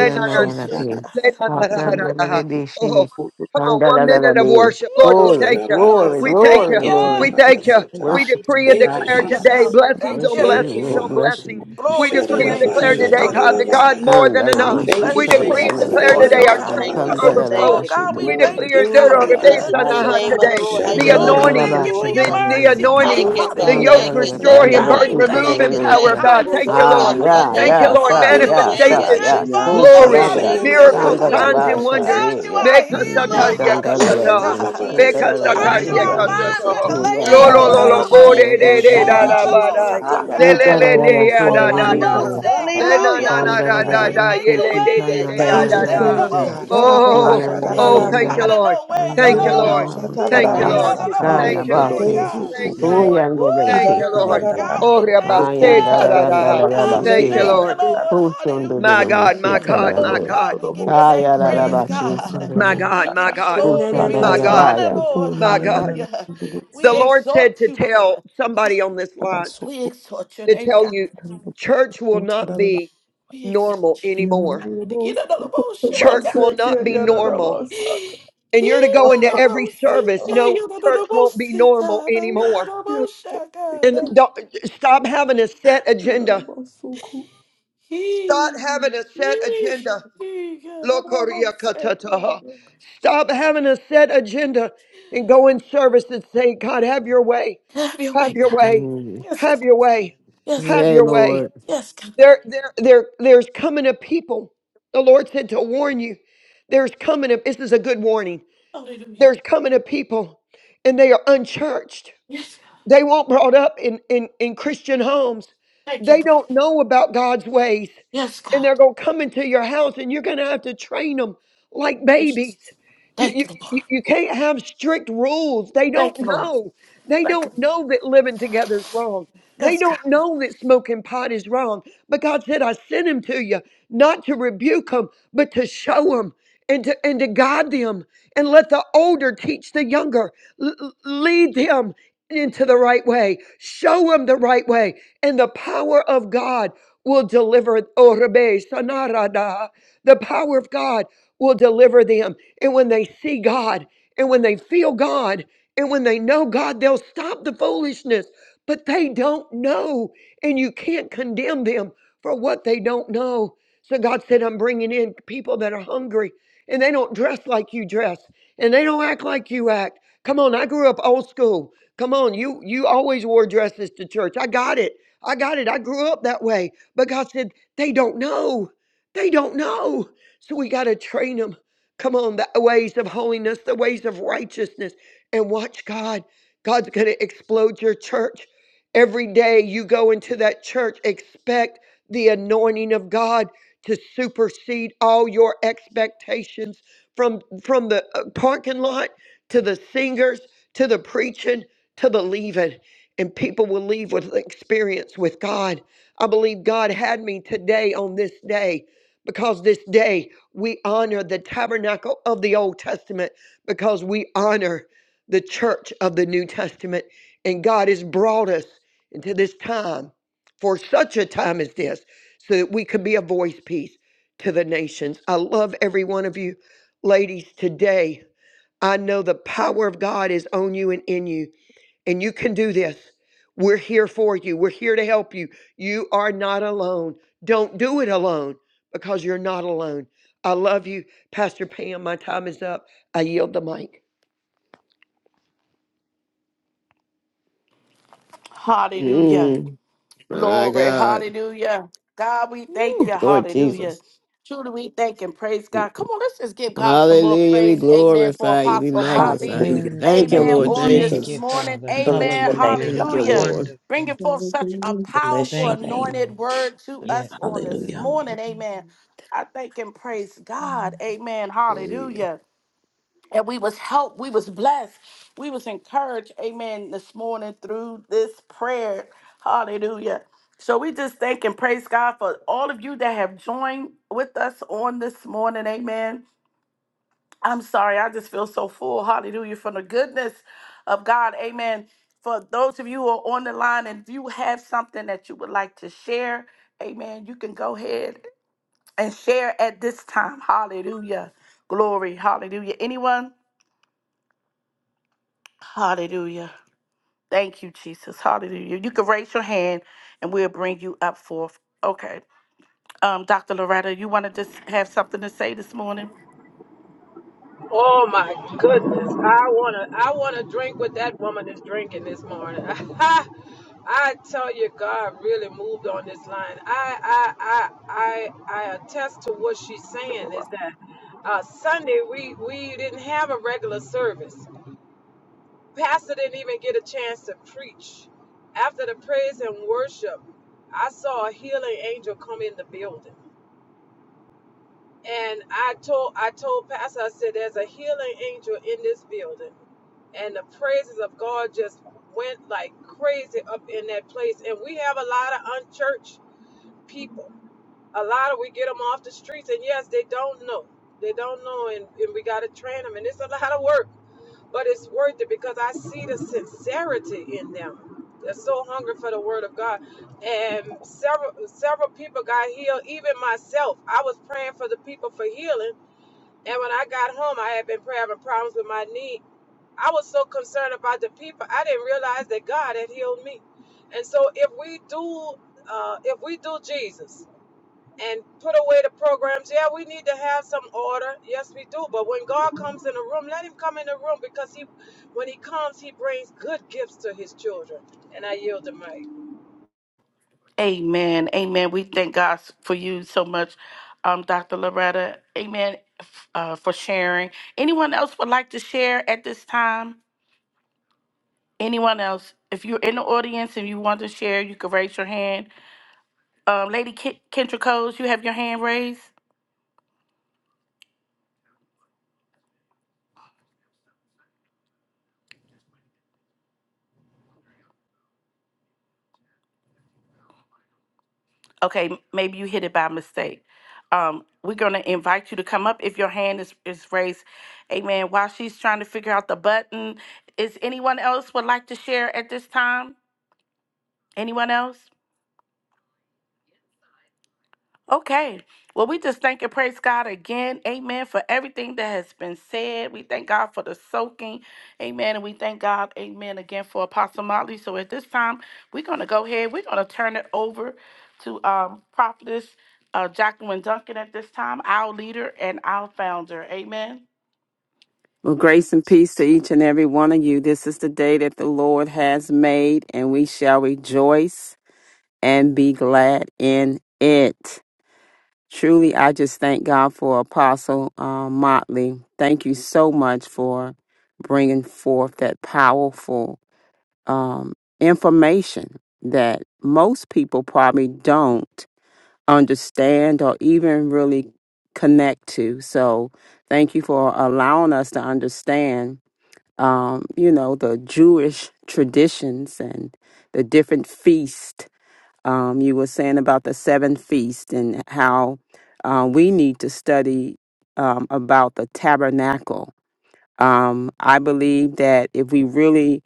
Speaker 1: No,
Speaker 9: you,
Speaker 1: no,
Speaker 3: na
Speaker 1: bo,
Speaker 3: na
Speaker 5: Anda
Speaker 1: say,
Speaker 5: Tata
Speaker 6: ki.
Speaker 1: God.
Speaker 5: Soko
Speaker 3: lena na na na na.
Speaker 6: Hakandarara beşi.
Speaker 3: Oh,
Speaker 5: Soko
Speaker 3: come on, one minute
Speaker 6: Kandarara
Speaker 3: of
Speaker 6: be.
Speaker 3: worship, Lord, we
Speaker 1: Eee,
Speaker 6: Glory,
Speaker 3: thank you,
Speaker 6: glory,
Speaker 1: no, no,
Speaker 3: we thank
Speaker 1: Thank
Speaker 6: glory,
Speaker 3: you,
Speaker 5: Thank you,
Speaker 1: you.
Speaker 6: glory.
Speaker 3: we
Speaker 5: thank you,
Speaker 3: thank
Speaker 5: thank you.
Speaker 3: you. We
Speaker 5: Father.
Speaker 6: Worship you,
Speaker 3: decree and
Speaker 5: Ah,
Speaker 3: declare
Speaker 5: yeah,
Speaker 1: Hallelujah,
Speaker 3: today
Speaker 5: Tata
Speaker 1: God.
Speaker 9: Jesus.
Speaker 1: We
Speaker 3: blessings
Speaker 1: thank
Speaker 3: on
Speaker 6: worship
Speaker 1: you.
Speaker 9: Thank
Speaker 6: you,
Speaker 9: you,
Speaker 3: blessings
Speaker 6: Lord,
Speaker 3: on
Speaker 5: Soko
Speaker 9: Father.
Speaker 6: worship
Speaker 3: blessings.
Speaker 6: you,
Speaker 3: We
Speaker 1: Glory to your
Speaker 3: decree and
Speaker 1: name,
Speaker 6: worship
Speaker 9: Shadadaba,
Speaker 5: Ikanda
Speaker 3: declare
Speaker 6: you,
Speaker 1: Jesus.
Speaker 3: today,
Speaker 8: Hallelujah.
Speaker 6: Lord.
Speaker 8: Hallelujah.
Speaker 3: God, the
Speaker 1: Hallelujah.
Speaker 3: God
Speaker 5: Tata
Speaker 9: shadadadabahaya.
Speaker 3: more than
Speaker 1: God,
Speaker 8: Thank
Speaker 3: enough.
Speaker 6: Kandarama
Speaker 1: we
Speaker 8: you,
Speaker 9: Thank
Speaker 6: shi
Speaker 8: God.
Speaker 9: you,
Speaker 3: We
Speaker 1: bless your
Speaker 8: Thank,
Speaker 3: decree
Speaker 1: name
Speaker 3: and
Speaker 9: Jesus.
Speaker 6: kandarara
Speaker 1: this
Speaker 3: declare
Speaker 6: naka.
Speaker 1: morning,
Speaker 3: today
Speaker 1: oh
Speaker 3: our
Speaker 5: Ikandarabasaka,
Speaker 8: thank
Speaker 3: churches
Speaker 1: God.
Speaker 5: more
Speaker 8: you,
Speaker 5: than
Speaker 3: are
Speaker 8: God.
Speaker 5: enough,
Speaker 9: Idarabababakasata.
Speaker 8: Thank
Speaker 6: Kandarara
Speaker 1: Oh
Speaker 3: overflowing.
Speaker 8: you,
Speaker 1: God,
Speaker 8: God.
Speaker 6: başlıkları
Speaker 1: we
Speaker 3: We
Speaker 5: more than
Speaker 1: thank you,
Speaker 3: declare today
Speaker 1: God,
Speaker 9: Glory
Speaker 1: for
Speaker 9: to
Speaker 1: your
Speaker 6: yerleri.
Speaker 9: God.
Speaker 8: Blessed be
Speaker 1: goodness,
Speaker 8: your
Speaker 1: oh
Speaker 8: name of the
Speaker 1: God.
Speaker 8: Lord.
Speaker 5: ayatabasuku
Speaker 6: Ah,
Speaker 3: the
Speaker 1: Lord, we
Speaker 8: Hayalahita
Speaker 1: thank
Speaker 5: manarabasa,
Speaker 6: yeah,
Speaker 3: anointing,
Speaker 1: you for
Speaker 9: Shatarabahaya.
Speaker 1: your
Speaker 3: the,
Speaker 8: ruhosata.
Speaker 3: the
Speaker 1: mercy,
Speaker 8: Thank
Speaker 1: God.
Speaker 3: anointing,
Speaker 8: you,
Speaker 3: the
Speaker 8: God.
Speaker 3: yoke
Speaker 8: Thank
Speaker 1: Hallelujah.
Speaker 8: you, thank
Speaker 3: restoring
Speaker 8: you,
Speaker 3: and
Speaker 1: God,
Speaker 8: thank
Speaker 1: we
Speaker 3: burden
Speaker 8: you,
Speaker 1: thank
Speaker 5: yandadadadaba,
Speaker 8: thank
Speaker 1: you
Speaker 3: removing
Speaker 8: you,
Speaker 1: for
Speaker 9: Urabababakasatarababakosata.
Speaker 1: your
Speaker 3: power
Speaker 8: thank
Speaker 3: of
Speaker 8: you.
Speaker 3: God.
Speaker 1: kindness,
Speaker 3: Thank
Speaker 1: oh
Speaker 3: you,
Speaker 8: Budoka
Speaker 3: Lord.
Speaker 1: God.
Speaker 3: Thank you,
Speaker 6: yeah,
Speaker 3: Lord.
Speaker 8: kanayota.
Speaker 5: idadadabasa,
Speaker 1: Oh,
Speaker 6: sir,
Speaker 1: you
Speaker 9: Thank you,
Speaker 1: are
Speaker 6: yeah,
Speaker 8: Thank you,
Speaker 1: good,
Speaker 6: sir,
Speaker 3: Manifestations,
Speaker 1: good
Speaker 9: Jesus.
Speaker 6: yeah.
Speaker 8: Jesus.
Speaker 6: Tu
Speaker 8: Blessed
Speaker 1: Father.
Speaker 8: be the
Speaker 3: glory,
Speaker 6: sharanda,
Speaker 8: name of the
Speaker 1: Hallelujah,
Speaker 8: Lord.
Speaker 5: yandadadadabasuku.
Speaker 3: miracles,
Speaker 6: sandara
Speaker 1: God.
Speaker 3: signs, and
Speaker 8: Yeburoto
Speaker 6: basha,
Speaker 3: wonders.
Speaker 1: God,
Speaker 6: yeah,
Speaker 9: Ishananananabababakasata.
Speaker 1: you
Speaker 8: kusia.
Speaker 6: yeah.
Speaker 1: are a
Speaker 3: Beka
Speaker 6: Tu
Speaker 8: Thank
Speaker 1: healer.
Speaker 5: Mm,
Speaker 3: sakaria
Speaker 8: you,
Speaker 6: tandara
Speaker 1: Hallelujah,
Speaker 3: katata.
Speaker 8: Jesus.
Speaker 6: lagi,
Speaker 1: God.
Speaker 6: tu
Speaker 8: Jesus,
Speaker 3: Beka
Speaker 8: you
Speaker 6: tarara
Speaker 8: are
Speaker 1: God,
Speaker 6: bashi,
Speaker 1: you
Speaker 3: sakaria
Speaker 1: are
Speaker 6: yeah.
Speaker 5: mm,
Speaker 1: mind
Speaker 8: Yushukuriyata.
Speaker 6: Tu
Speaker 3: katata.
Speaker 9: Urabababakasatarababakasata.
Speaker 5: mm.
Speaker 1: regulated,
Speaker 3: Lo
Speaker 8: Thank
Speaker 6: yandara
Speaker 3: lo
Speaker 8: you,
Speaker 1: Lord.
Speaker 3: lo
Speaker 6: nana,
Speaker 3: lo
Speaker 8: God.
Speaker 9: Bless you,
Speaker 3: bo
Speaker 1: Oh,
Speaker 8: Thank
Speaker 3: de
Speaker 6: sandara
Speaker 9: Father.
Speaker 1: shake
Speaker 8: you.
Speaker 5: Ayatabasuku.
Speaker 3: de de
Speaker 5: Thank
Speaker 6: beriki.
Speaker 3: da
Speaker 1: it.
Speaker 5: you,
Speaker 3: da
Speaker 5: Jesus.
Speaker 3: ba
Speaker 1: Oh,
Speaker 3: da.
Speaker 1: see,
Speaker 8: Hallelujah.
Speaker 9: Shatarabakasata.
Speaker 3: Le
Speaker 6: Tu
Speaker 3: le
Speaker 5: Ayatadaba,
Speaker 1: God.
Speaker 3: le
Speaker 6: tarara
Speaker 3: de
Speaker 9: Oh,
Speaker 8: Hallelujah.
Speaker 3: ya
Speaker 9: for a
Speaker 1: You
Speaker 3: da
Speaker 8: Thank
Speaker 1: know,
Speaker 3: da
Speaker 9: mighty
Speaker 3: da.
Speaker 1: both
Speaker 6: bashi,
Speaker 8: you,
Speaker 9: move, oh
Speaker 8: God.
Speaker 1: say,
Speaker 9: God.
Speaker 3: Le
Speaker 1: God,
Speaker 3: na
Speaker 8: Hallelujah.
Speaker 3: na na
Speaker 5: iyatabasuku
Speaker 6: Danda da
Speaker 3: da
Speaker 6: da
Speaker 1: hallelujah,
Speaker 3: da
Speaker 6: da da
Speaker 8: Thank
Speaker 1: you're
Speaker 3: da
Speaker 8: you,
Speaker 3: ye
Speaker 6: ki
Speaker 1: making
Speaker 5: manarabasa.
Speaker 8: thank
Speaker 3: le
Speaker 6: ki
Speaker 8: you,
Speaker 3: de
Speaker 6: ka
Speaker 3: de
Speaker 1: ways,
Speaker 6: na
Speaker 8: thank
Speaker 3: de
Speaker 9: For
Speaker 6: na
Speaker 8: you.
Speaker 3: ya
Speaker 5: Thank
Speaker 1: God.
Speaker 6: na
Speaker 5: you,
Speaker 9: answer
Speaker 3: da
Speaker 6: na
Speaker 8: Blessed
Speaker 1: And
Speaker 8: be
Speaker 1: then
Speaker 5: thank
Speaker 6: bu
Speaker 1: I'm
Speaker 5: you,
Speaker 3: da.
Speaker 8: your
Speaker 9: prayers,
Speaker 1: all
Speaker 6: sha.
Speaker 5: thank
Speaker 8: name,
Speaker 9: God.
Speaker 5: you,
Speaker 8: Lord.
Speaker 1: shocked,
Speaker 5: Father.
Speaker 6: Bu
Speaker 3: Oh
Speaker 1: God.
Speaker 6: yan da da
Speaker 3: oh
Speaker 6: da
Speaker 8: Hallelujah.
Speaker 5: Adabosuku
Speaker 3: thank
Speaker 6: da.
Speaker 3: you
Speaker 1: Out
Speaker 9: Rarabashatarabashata.
Speaker 1: of
Speaker 3: Lord.
Speaker 1: no way,
Speaker 6: Danda
Speaker 1: no, no,
Speaker 6: da
Speaker 3: Thank
Speaker 6: da
Speaker 3: you
Speaker 1: no,
Speaker 6: da
Speaker 5: nanarabasiki.
Speaker 3: Lord.
Speaker 1: no,
Speaker 6: ma.
Speaker 1: see,
Speaker 3: Thank
Speaker 1: God,
Speaker 3: you
Speaker 1: you know,
Speaker 3: Lord.
Speaker 1: no,
Speaker 9: Irarabashatarabahaya.
Speaker 6: Danda
Speaker 1: no,
Speaker 5: Arabasaka
Speaker 6: da
Speaker 1: no,
Speaker 6: ya
Speaker 3: Thank you
Speaker 6: ba
Speaker 1: say,
Speaker 3: Lord.
Speaker 6: si.
Speaker 9: Thank you,
Speaker 1: God.
Speaker 3: Thank
Speaker 6: Bu
Speaker 3: you
Speaker 5: yadadodobosuku
Speaker 8: Ayarashikiriyototosototosi.
Speaker 9: Jesus.
Speaker 3: Lord.
Speaker 6: yan da da da
Speaker 3: Thank
Speaker 6: ki
Speaker 3: you
Speaker 6: ki
Speaker 1: Woo!
Speaker 6: le
Speaker 3: Lord.
Speaker 6: ju.
Speaker 1: God,
Speaker 3: Oh
Speaker 1: we
Speaker 9: Yidadadadadabahaya.
Speaker 1: thank
Speaker 6: Ka yan da
Speaker 1: you.
Speaker 3: rabaseta
Speaker 6: da
Speaker 3: da
Speaker 6: da da
Speaker 3: da.
Speaker 6: da da
Speaker 9: Glory,
Speaker 1: God,
Speaker 6: ba
Speaker 1: we
Speaker 9: glory,
Speaker 3: Thank
Speaker 6: si
Speaker 3: you
Speaker 1: thank
Speaker 6: ya.
Speaker 1: you,
Speaker 3: Lord.
Speaker 9: glory.
Speaker 1: Lord.
Speaker 6: Bu shon da da
Speaker 3: My
Speaker 6: da bu
Speaker 3: God,
Speaker 1: Hallelujah.
Speaker 6: si
Speaker 3: my
Speaker 6: ka
Speaker 3: God,
Speaker 6: yan
Speaker 3: my
Speaker 1: Oh,
Speaker 6: de.
Speaker 1: God,
Speaker 3: God.
Speaker 1: we give your
Speaker 6: Ka
Speaker 1: name
Speaker 6: ya da da
Speaker 1: praise,
Speaker 6: ba si so
Speaker 1: God.
Speaker 6: de
Speaker 3: My
Speaker 6: ne.
Speaker 1: We
Speaker 3: God, my
Speaker 1: give you
Speaker 3: God,
Speaker 6: Bu
Speaker 1: glory.
Speaker 6: shon
Speaker 1: We
Speaker 6: da da
Speaker 1: give
Speaker 3: my
Speaker 1: you
Speaker 6: da ba
Speaker 3: God,
Speaker 1: honor,
Speaker 6: ya.
Speaker 1: Lord.
Speaker 3: my
Speaker 9: Shananananananananabahaya.
Speaker 3: God.
Speaker 1: Hallelujah.
Speaker 3: The
Speaker 1: We
Speaker 3: Lord said
Speaker 1: exhort
Speaker 3: to
Speaker 1: you,
Speaker 3: tell
Speaker 1: Lord.
Speaker 3: somebody on this line
Speaker 1: We exhort your
Speaker 3: to
Speaker 1: name,
Speaker 3: tell
Speaker 1: God.
Speaker 3: you church will not be
Speaker 1: We exalt
Speaker 3: normal
Speaker 1: you.
Speaker 3: anymore.
Speaker 1: You know the most shit.
Speaker 3: Church will not be normal. And you're to
Speaker 1: You
Speaker 3: go
Speaker 1: know
Speaker 3: into
Speaker 1: the
Speaker 3: every
Speaker 1: most shit.
Speaker 3: service knowing
Speaker 1: You know the
Speaker 3: church won't
Speaker 1: most
Speaker 3: be
Speaker 1: shit.
Speaker 3: normal
Speaker 1: You know
Speaker 3: anymore.
Speaker 1: the most
Speaker 3: And
Speaker 1: shit.
Speaker 3: don't, stop having a set agenda. Stop
Speaker 1: He,
Speaker 3: having a set
Speaker 1: he,
Speaker 3: agenda.
Speaker 1: he, God, I don't want to say God.
Speaker 3: Lokoriakatataha. Stop having a set agenda and go in service and say, God, have your way.
Speaker 1: Have your way,
Speaker 3: Have your
Speaker 1: God.
Speaker 3: way.
Speaker 6: Mm.
Speaker 1: Yes,
Speaker 3: Have
Speaker 1: God.
Speaker 3: your way.
Speaker 1: Yes,
Speaker 3: Have
Speaker 1: God.
Speaker 6: Yay,
Speaker 3: your way.
Speaker 6: Lord.
Speaker 1: yes, God.
Speaker 3: There, there, there, there's coming a people. The Lord said to warn you. There's coming a, this is a good warning.
Speaker 1: Hallelujah.
Speaker 3: There's coming a people and they are unchurched.
Speaker 1: Yes, God.
Speaker 3: They weren't brought up in, in, in Christian homes.
Speaker 1: Thank you,
Speaker 3: They
Speaker 1: Lord.
Speaker 3: don't know about God's ways.
Speaker 1: Yes,
Speaker 3: And
Speaker 1: God.
Speaker 3: they're going to come into your house and you're going to have to train them like
Speaker 1: Yes,
Speaker 3: babies.
Speaker 1: Jesus.
Speaker 3: You,
Speaker 1: Thank
Speaker 3: you,
Speaker 1: you, Lord.
Speaker 3: you you can't have strict rules. They don't
Speaker 1: Thank you, Lord.
Speaker 3: know. They
Speaker 1: Thank you.
Speaker 3: don't know that living together is wrong.
Speaker 1: Yes.
Speaker 3: They don't know that smoking pot is wrong. But God said, I sent him to you, not to rebuke them, but to show them and to, and to guide them and let the older teach the younger, L- l- lead them into the right way. Show him the right way. And the power of God will deliver Orebe Sanarada. The power of God will deliver them. And when they see God, and when they feel God, and when they know God, they'll stop the foolishness. But they don't know. And you can't condemn them for what they don't know. So God said, I'm bringing in people that are hungry and they don't dress like you dress and they don't act like you act. Come on, I grew up old school. Come on, you you always wore dresses to church. I got it. I got it. I grew up that way. But God said, they don't know. They don't know. So we got to train them. Come on, the ways of holiness, the ways of righteousness, and watch God. God's going to explode your church. Every day you go into that church, expect the anointing of God to supersede all your expectations from from the uh, parking lot to the singers to the preaching to believe it, and people will leave with experience with God. I believe God had me today on this day because this day we honor the tabernacle of the Old Testament because we honor the church of the New Testament. And God has brought us into this time for such a time as this so that we could be a voice piece to the nations. I love every one of you, ladies, today. I know the power of God is on you and in you and you can do this. We're here for you. We're here to help you. You are not alone. Don't do it alone because you're not alone. I love you. Pastor Pam, my time is up. I yield the mic.
Speaker 1: Hallelujah.
Speaker 6: Mm. My
Speaker 1: Glory,
Speaker 6: God.
Speaker 1: hallelujah. God, we thank
Speaker 6: Woo.
Speaker 1: you,
Speaker 6: Lord
Speaker 1: hallelujah.
Speaker 6: Jesus.
Speaker 1: Truly, we thank and praise
Speaker 6: Mm.
Speaker 1: God. Come on, let's just give God some more
Speaker 6: Hallelujah. We
Speaker 1: praise, amen, for
Speaker 6: glorify you. We
Speaker 1: Apostle Motley,
Speaker 6: magnify you.
Speaker 4: Glory
Speaker 5: Hallelujah.
Speaker 4: to
Speaker 6: Thank you,
Speaker 4: your
Speaker 1: amen,
Speaker 5: Thank you,
Speaker 6: Lord.
Speaker 4: name.
Speaker 1: on
Speaker 6: Thank
Speaker 4: Thank
Speaker 1: this
Speaker 6: you.
Speaker 4: you,
Speaker 5: Jesus.
Speaker 1: morning,
Speaker 4: Father.
Speaker 5: Bless
Speaker 1: amen,
Speaker 5: your name,
Speaker 4: Hallelujah.
Speaker 6: Thank you,
Speaker 5: God.
Speaker 1: hallelujah.
Speaker 6: Lord.
Speaker 4: Wonderful.
Speaker 1: Bringing forth such a
Speaker 10: Thank
Speaker 5: Bless
Speaker 1: powerful,
Speaker 5: your
Speaker 4: Thank you,
Speaker 5: name.
Speaker 1: anointed
Speaker 4: Lord.
Speaker 1: word to
Speaker 4: Yeah.
Speaker 1: us on this
Speaker 5: Hallelujah.
Speaker 1: morning, amen. I thank and praise God, amen,
Speaker 6: Hallelujah.
Speaker 1: hallelujah and we was helped we was blessed we was encouraged amen this morning through this prayer hallelujah so we just thank and praise god for all of you that have joined with us on this morning amen i'm sorry i just feel so full hallelujah from the goodness of god amen for those of you who are on the line and if you have something that you would like to share amen you can go ahead and share at this time hallelujah glory hallelujah anyone hallelujah Thank you, Jesus. Hallelujah. You can raise your hand and we'll bring you up forth. Okay. Um, Dr. Loretta, you want to just have something to say this morning?
Speaker 11: Oh my goodness. I wanna I wanna drink what that woman is drinking this morning. I tell you God really moved on this line. I I I I, I attest to what she's saying is that uh, Sunday we we didn't have a regular service. Pastor didn't even get a chance to preach. After the praise and worship, I saw a healing angel come in the building. And I told I told Pastor, I said, there's a healing angel in this building. And the praises of God just went like crazy up in that place. And we have a lot of unchurched people. A lot of we get them off the streets, and yes, they don't know. They don't know, and, and we got to train them. And it's a lot of work, but it's worth it because I see the sincerity in them. They're so hungry for the word of God. And several several people got healed, even myself. I was praying for the people for healing and when I got home, I had been having problems with my knee. I was so concerned about the people, I didn't realize that God had healed me. And so, if we do, uh, if we do Jesus and put away the programs, yeah, we need to have some order. Yes, we do. But when God comes in the room, let Him come in the room because He, when He comes, He brings good gifts to His children. And I yield the mic.
Speaker 1: Amen. Amen. We thank God for you so much, um, Dr. Loretta. Amen. f- Uh, for sharing. Anyone else would like to share at this time? Anyone else? If you're in the audience and you want to share, you can raise your hand. Um, Lady Ke- Kendra Coles, you have your hand raised. Okay, maybe you hit it by mistake. Um, we're gonna invite you to come up if your hand is, is raised. Amen. While she's trying to figure out the button, is anyone else would like to share at this time? Anyone else? Okay. Well, we just thank and praise God again. Amen. For everything that has been said. We thank God for the soaking. Amen. And we thank God, amen, again for Apostle Motley. So at this time, we're going to go ahead. We're going to turn it over to um, Prophetess uh, Jacqueline Duncan at this time, our leader and our founder. Amen.
Speaker 12: Well, grace and peace to each and every one of you. This is the day that the Lord has made, and we shall rejoice and be glad in it. Truly, I just thank God for Apostle uh, Motley. Thank you so much for bringing forth that powerful um, information that most people probably don't understand or even really connect to. So, thank you for allowing us to understand um, you know, the Jewish traditions and the different feasts. Um, you were saying about the seven feasts and how uh, we need to study um, about the tabernacle um, I believe that if we really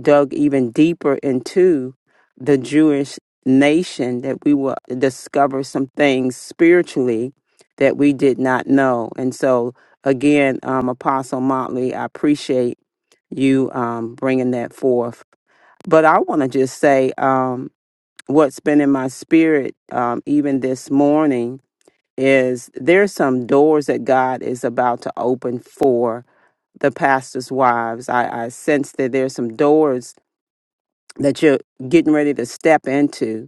Speaker 12: dug even deeper into the Jewish nation, that we will discover some things spiritually that we did not know. And so, again, um, Apostle Motley, I appreciate you um, bringing that forth. But I want to just say um, what's been in my spirit, um, even this morning, is there's some doors that God is about to open for the pastors' wives. I, I sense that there's some doors that you're getting ready to step into.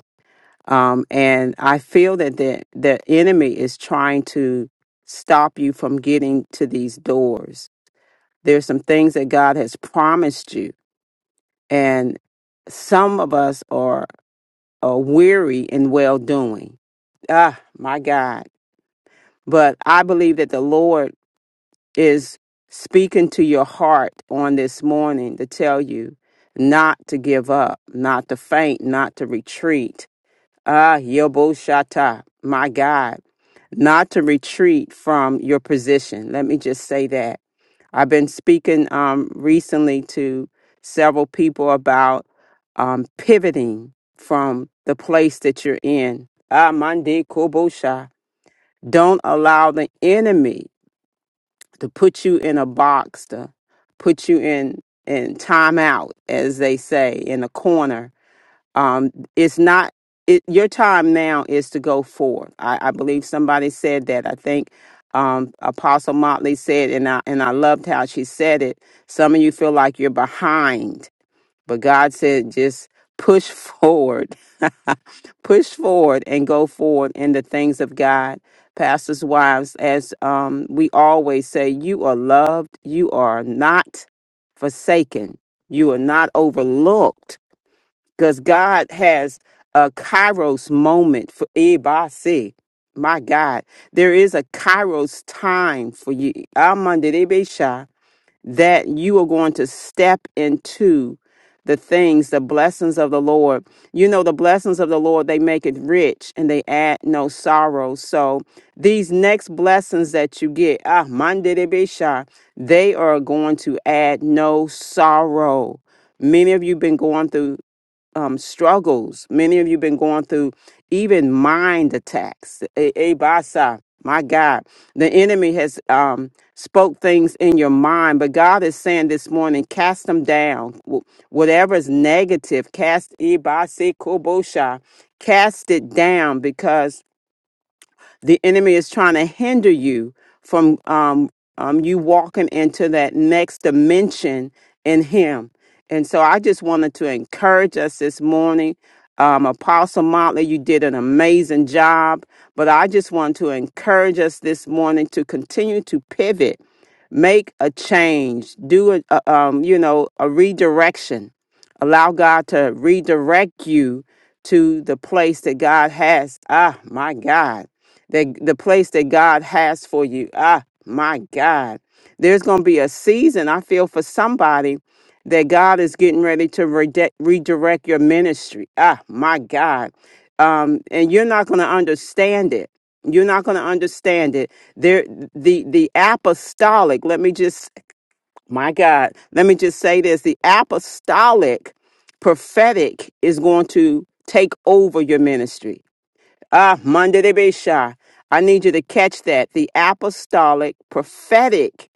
Speaker 12: Um, and I feel that the, the enemy is trying to stop you from getting to these doors. There's some things that God has promised you, and some of us are, are weary in well doing. Ah, my God. But I believe that the Lord is speaking to your heart on this morning to tell you not to give up, not to faint, not to retreat. Ah, Yoboshata, my God, not to retreat from your position. Let me just say that. I've been speaking um, recently to several people about um, pivoting from the place that you're in. Ah, Mande Kobosha. Don't allow the enemy to put you in a box, to put you in in timeout, as they say, in a corner. Um, it's not it, your time now is to go forward. I, I believe somebody said that. I think um, Apostle Motley said, and I and I loved how she said it. Some of you feel like you're behind but God said, just push forward, push forward and go forward in the things of God. Pastors' wives, as um, we always say, you are loved, you are not forsaken, you are not overlooked, because God has a kairos moment for everybody. My God, there is a kairos time for you. Amandedebesha that you are going to step into the things, the blessings of the Lord. You know, the blessings of the Lord, they make it rich and they add no sorrow. So these next blessings that you get, ah, mandedebesha, they are going to add no sorrow. Many of you been going through um, struggles. Many of you been going through even mind attacks. A- Abasa, my God, the enemy has um, spoke things in your mind, but God is saying this morning, cast them down. Wh- Whatever is negative, cast ibasi Kobosha, cast it down because the enemy is trying to hinder you from um, um, you walking into that next dimension in him and so i just wanted to encourage us this morning um, apostle motley you did an amazing job but i just want to encourage us this morning to continue to pivot make a change do a, a um, you know a redirection allow god to redirect you to the place that god has ah my god that the place that God has for you. Ah, my God. There's going to be a season, I feel, for somebody that God is getting ready to rede- redirect your ministry. Ah, my God. Um, and you're not going to understand it. You're not going to understand it. There, the the apostolic. Let me just, my God. Let me just say this: the apostolic prophetic is going to take over your ministry Ah, Monday de Besha. I need you to catch that. The apostolic prophetic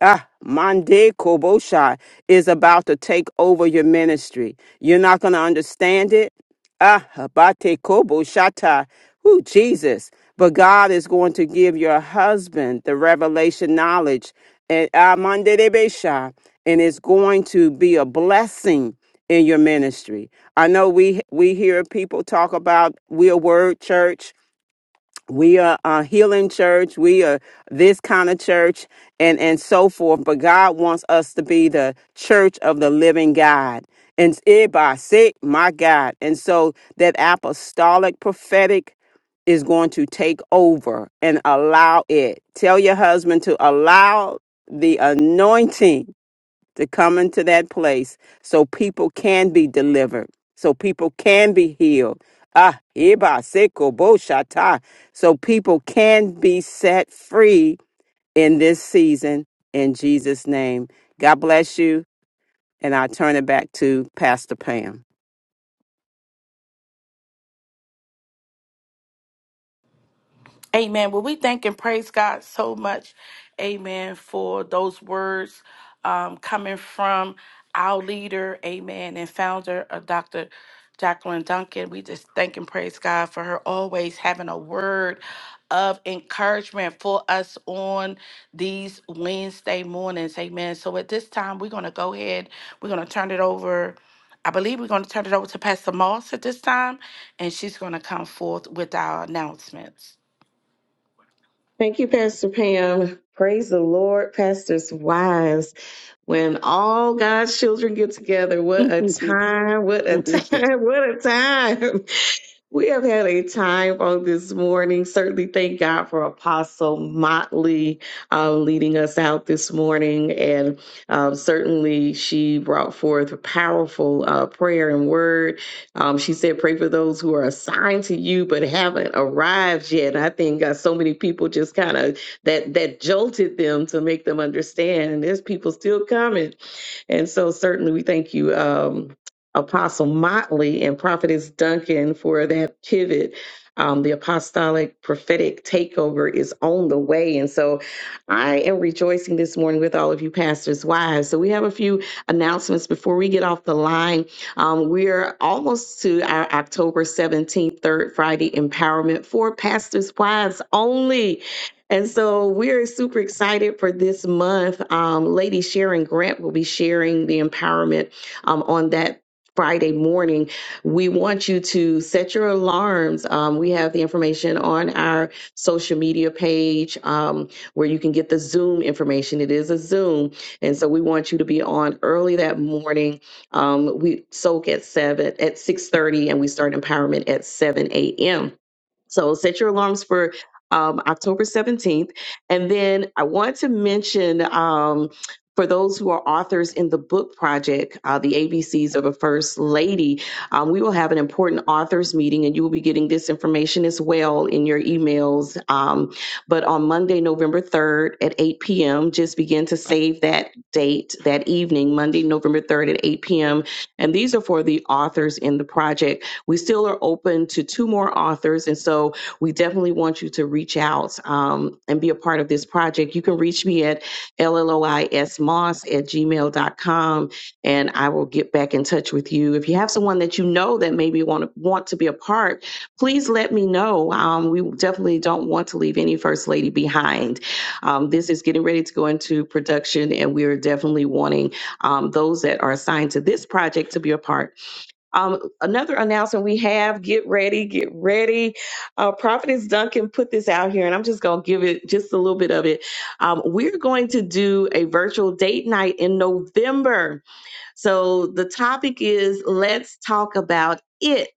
Speaker 12: Ah, Mande Kobosha is about to take over your ministry. You're not going to understand it. Ah, Habate Koboshata. Who Jesus. But God is going to give your husband the revelation knowledge. And ah, Mande de And it's going to be a blessing in your ministry. I know we we hear people talk about we're a word church we are a healing church we are this kind of church and and so forth but god wants us to be the church of the living god and it by sick my god and so that apostolic prophetic is going to take over and allow it tell your husband to allow the anointing to come into that place so people can be delivered, so people can be healed. Ah, iba seko bo shata. So people can be set free in this season in Jesus' name. God bless you. And I turn it back to Pastor Pam.
Speaker 1: Amen. Well, we thank and praise God so much, amen, for those words um, coming from our leader, amen, and founder of Dr. Jacqueline Duncan. We just thank and praise God for her always having a word of encouragement for us on these Wednesday mornings, amen. So at this time, we're going to go ahead, we're going to turn it over. I believe we're going to turn it over to Pastor Moss at this time, and she's going to come forth with our announcements.
Speaker 10: you, Pastor Pam. Praise the Lord, Pastor's wives. when all God's children get together, what a time, what a time, what a time. We have had a time on this morning. Certainly thank God for Apostle Motley uh, leading us out this morning. And um, certainly she brought forth a powerful uh, prayer and word. Um, she said, Pray for those who are assigned to you but haven't arrived yet. And I think uh, so many people just kind of that that jolted them to make them understand. And there's people still coming, and so certainly we thank you, um, Apostle Motley and Prophetess Duncan for that pivot. Um, the apostolic prophetic takeover is on the way, and so I am rejoicing this morning with all of you pastors' wives. So we have a few announcements before we get off the line. Um, we're almost to our October 17th, third Friday empowerment for pastors' wives only. And so we're super excited for this month. Um, Lady Sharon Grant will be sharing the empowerment um, on that. Friday morning, we want you to set your alarms. Um, we have the information on our social media page um, where you can get the Zoom information. It is a Zoom, and so we want you to be on early that morning. Um, we soak at seven at six thirty, and we start empowerment at seven a.m. So set your alarms for um, October 17th. And then I want to mention um, for those who are authors in the book project, uh, the ABCs of a First Lady, um, we will have an important authors meeting and you will be getting this information as well in your emails. Um, but on Monday, November 3rd at 8 p.m., just begin to save that date that evening, Monday, November 3rd at 8 p.m. And these are for the authors in the project. We still are open to two more authors. And so we definitely want you to reach out um, and be a part of this project. You can reach me at lloismoss at gmail dot com, and I will get back in touch with you. If you have someone that you know that maybe want to, want to be a part, please let me know. Um, we definitely don't want to leave any First Lady behind. Um, this is getting ready to go into production, and we are definitely wanting um, those that are assigned to this project to be a part um, another announcement we have get ready, get ready. Uh, Prophetess Duncan put this out here, and I'm just going to give it just a little bit of it. Um, we're going to do a virtual date night in November. So the topic is let's talk about it.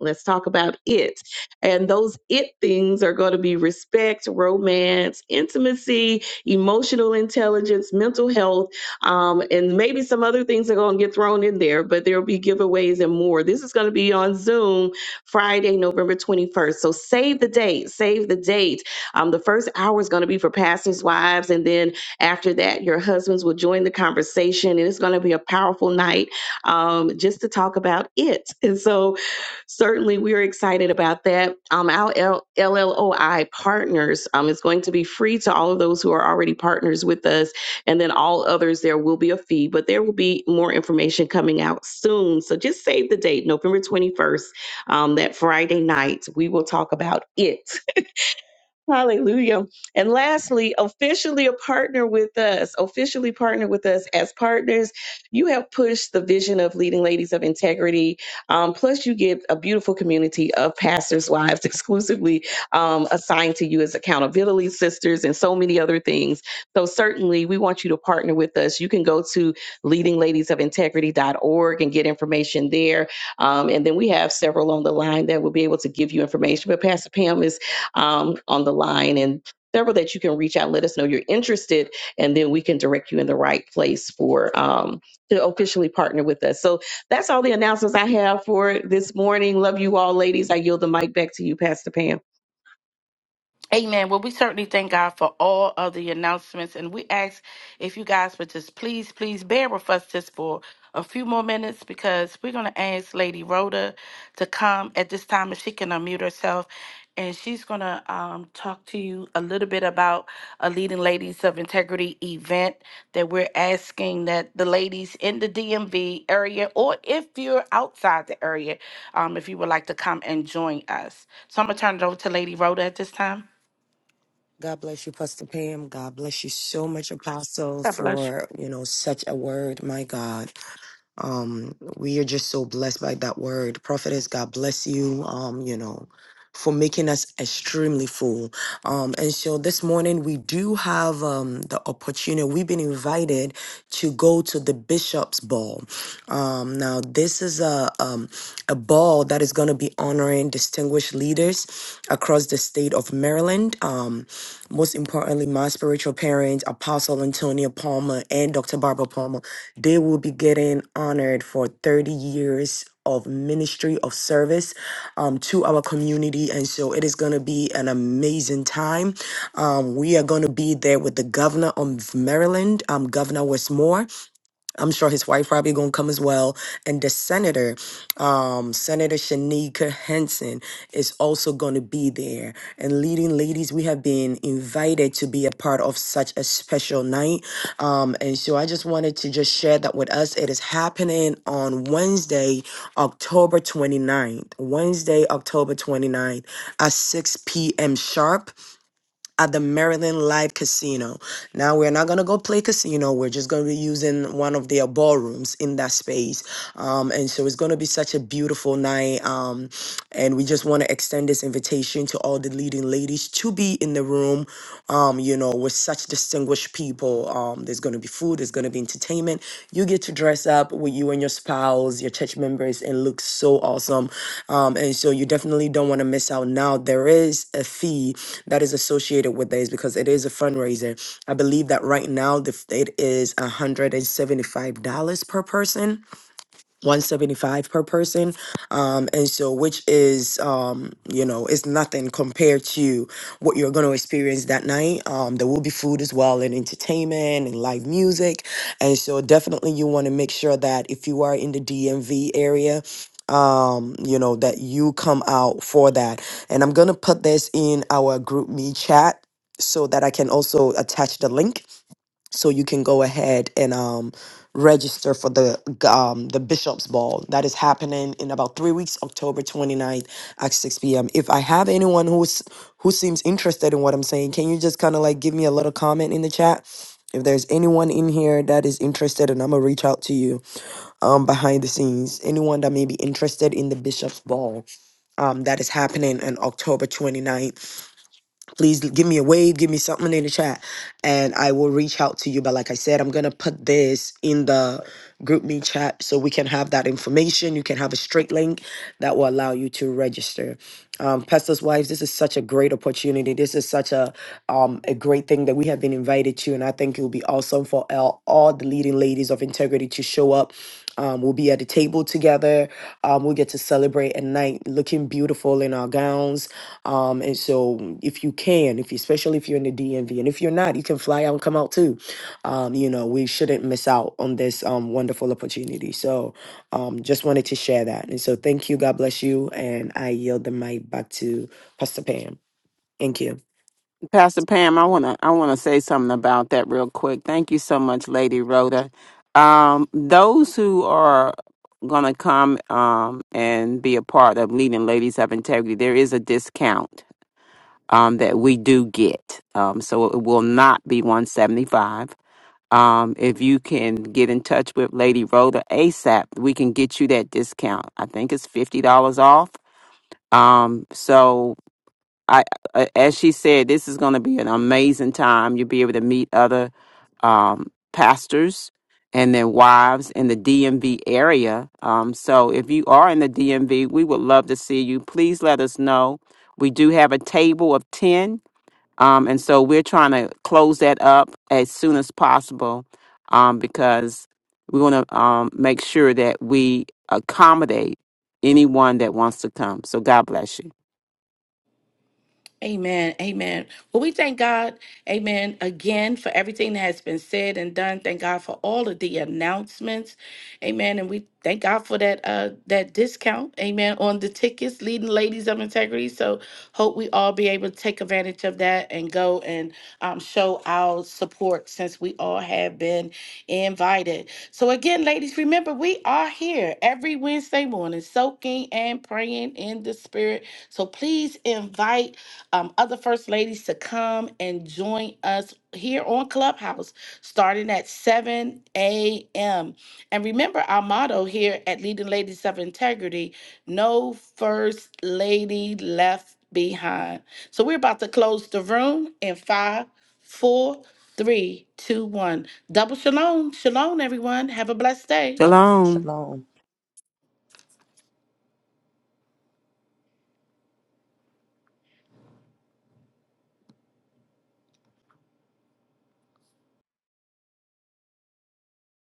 Speaker 10: Let's talk about it. And those it things are going to be respect, romance, intimacy, emotional intelligence, mental health, um, and maybe some other things are going to get thrown in there, but there'll be giveaways and more. This is going to be on Zoom Friday, November 21st. So save the date, save the date. Um, the first hour is going to be for pastors' wives, and then after that, your husbands will join the conversation, and it's going to be a powerful night um, just to talk about it. And so, certainly, we're excited about that. Um, our L- LLOI partners um, is going to be free to all of those who are already partners with us, and then all others, there will be a fee, but there will be more information coming out soon. So, just save the date, November 21st, um, that Friday night. We will talk about it. Hallelujah. And lastly, officially a partner with us, officially partner with us as partners. You have pushed the vision of leading ladies of integrity. Um, plus, you get a beautiful community of pastors' wives exclusively um, assigned to you as accountability sisters and so many other things. So, certainly, we want you to partner with us. You can go to leadingladiesofintegrity.org and get information there. Um, and then we have several on the line that will be able to give you information. But, Pastor Pam is um, on the line and several that you can reach out, let us know you're interested, and then we can direct you in the right place for um, to officially partner with us. So that's all the announcements I have for this morning. Love you all, ladies. I yield the mic back to you, Pastor Pam.
Speaker 1: Amen. Well, we certainly thank God for all of the announcements. And we ask if you guys would just please, please bear with us just for a few more minutes because we're going to ask Lady Rhoda to come at this time if she can unmute herself. And she's going to um, talk to you a little bit about a Leading Ladies of Integrity event that we're asking that the ladies in the DMV area, or if you're outside the area, um, if you would like to come and join us. So I'm going to turn it over to Lady Rhoda at this time.
Speaker 13: God bless you, Pastor Pam. God bless you so much, Apostle, for you know such a word. My God, um, we are just so blessed by that word, Prophetess. God bless you. Um, you know, for making us extremely full. Um, and so this morning we do have um the opportunity. We've been invited to go to the Bishop's Ball. Um, now this is a um a ball that is going to be honoring distinguished leaders across the state of Maryland. Um most importantly, my spiritual parents, Apostle Antonia Palmer and Dr. Barbara Palmer, they will be getting honored for 30 years of ministry of service um, to our community. And so it is going to be an amazing time. Um, we are going to be there with the governor of Maryland, um, Governor Westmore. I'm sure his wife probably gonna come as well. And the senator, um, Senator Shanika Henson, is also gonna be there. And leading ladies, we have been invited to be a part of such a special night. Um, and so I just wanted to just share that with us. It is happening on Wednesday, October 29th. Wednesday, October 29th at 6 p.m. sharp at the Maryland Live Casino. Now we're not gonna go play casino. We're just gonna be using one of their ballrooms in that space, um, and so it's gonna be such a beautiful night. Um, and we just want to extend this invitation to all the leading ladies to be in the room. Um, you know, with such distinguished people. Um, there's going to be food, there's going to be entertainment. You get to dress up with you and your spouse, your church members, and look so awesome. Um, and so you definitely don't want to miss out. Now, there is a fee that is associated with this because it is a fundraiser. I believe that right now the, f- it is $175 per person 175 per person um and so which is um you know is nothing compared to what you're going to experience that night um there will be food as well and entertainment and live music and so definitely you want to make sure that if you are in the DMV area um you know that you come out for that and I'm going to put this in our group me chat so that I can also attach the link so you can go ahead and um, register for the um, the bishops ball that is happening in about three weeks october 29th at 6 p.m if i have anyone who's who seems interested in what i'm saying can you just kind of like give me a little comment in the chat if there's anyone in here that is interested and i'm gonna reach out to you um, behind the scenes anyone that may be interested in the bishops ball um, that is happening on october 29th please give me a wave, give me something in the chat, and I will reach out to you. But like I said, I'm gonna put this in the group me chat so we can have that information. You can have a straight link that will allow you to register. Um, Pastors Wives, this is such a great opportunity. This is such a um, a great thing that we have been invited to, and I think it will be awesome for all, all the leading ladies of integrity to show up. Um, we'll be at the table together. Um, we'll get to celebrate at night looking beautiful in our gowns um, and so if you can, if you, especially if you're in the DMV, and if you're not, you can fly out and come out too. Um, you know, we shouldn't miss out on this um, wonderful opportunity. So um, just wanted to share that. And so thank you. God bless you. And I yield the mic back to Pastor Pam. Thank you.
Speaker 12: Pastor Pam, I wanna I wanna say something about that real quick. Thank you so much, Lady Rhoda. Um, those who are gonna come um, and be a part of leading Ladies of Integrity, there is a discount um, that we do get. Um, so it will not be one seventy five. Um, if you can get in touch with Lady Rhoda ASAP, we can get you that discount. I think it's fifty dollars off. Um, so I, I as she said, this is going to be an amazing time. You'll be able to meet other um, pastors and their wives in the DMV area. Um, so if you are in the DMV, we would love to see you. Please let us know. We do have a table of ten, um, and so we're trying to close that up as soon as possible um, because we want to um, make sure that we accommodate anyone that wants to come. So God bless you.
Speaker 1: Amen. Amen. Well, we thank God, amen, again for everything that has been said and done. Thank God for all of the announcements. Amen. And we thank God for that uh that discount, amen, on the tickets, leading ladies of integrity. So hope we all be able to take advantage of that and go and um show our support since we all have been invited. So again, ladies, remember we are here every Wednesday morning, soaking and praying in the spirit. So please invite um, other first ladies to come and join us here on Clubhouse starting at 7 a.m. And remember our motto here at Leading Ladies of Integrity no first lady left behind. So we're about to close the room in five, four, three, two, one. Double shalom. Shalom, everyone. Have a blessed day.
Speaker 12: Shalom.
Speaker 5: Shalom.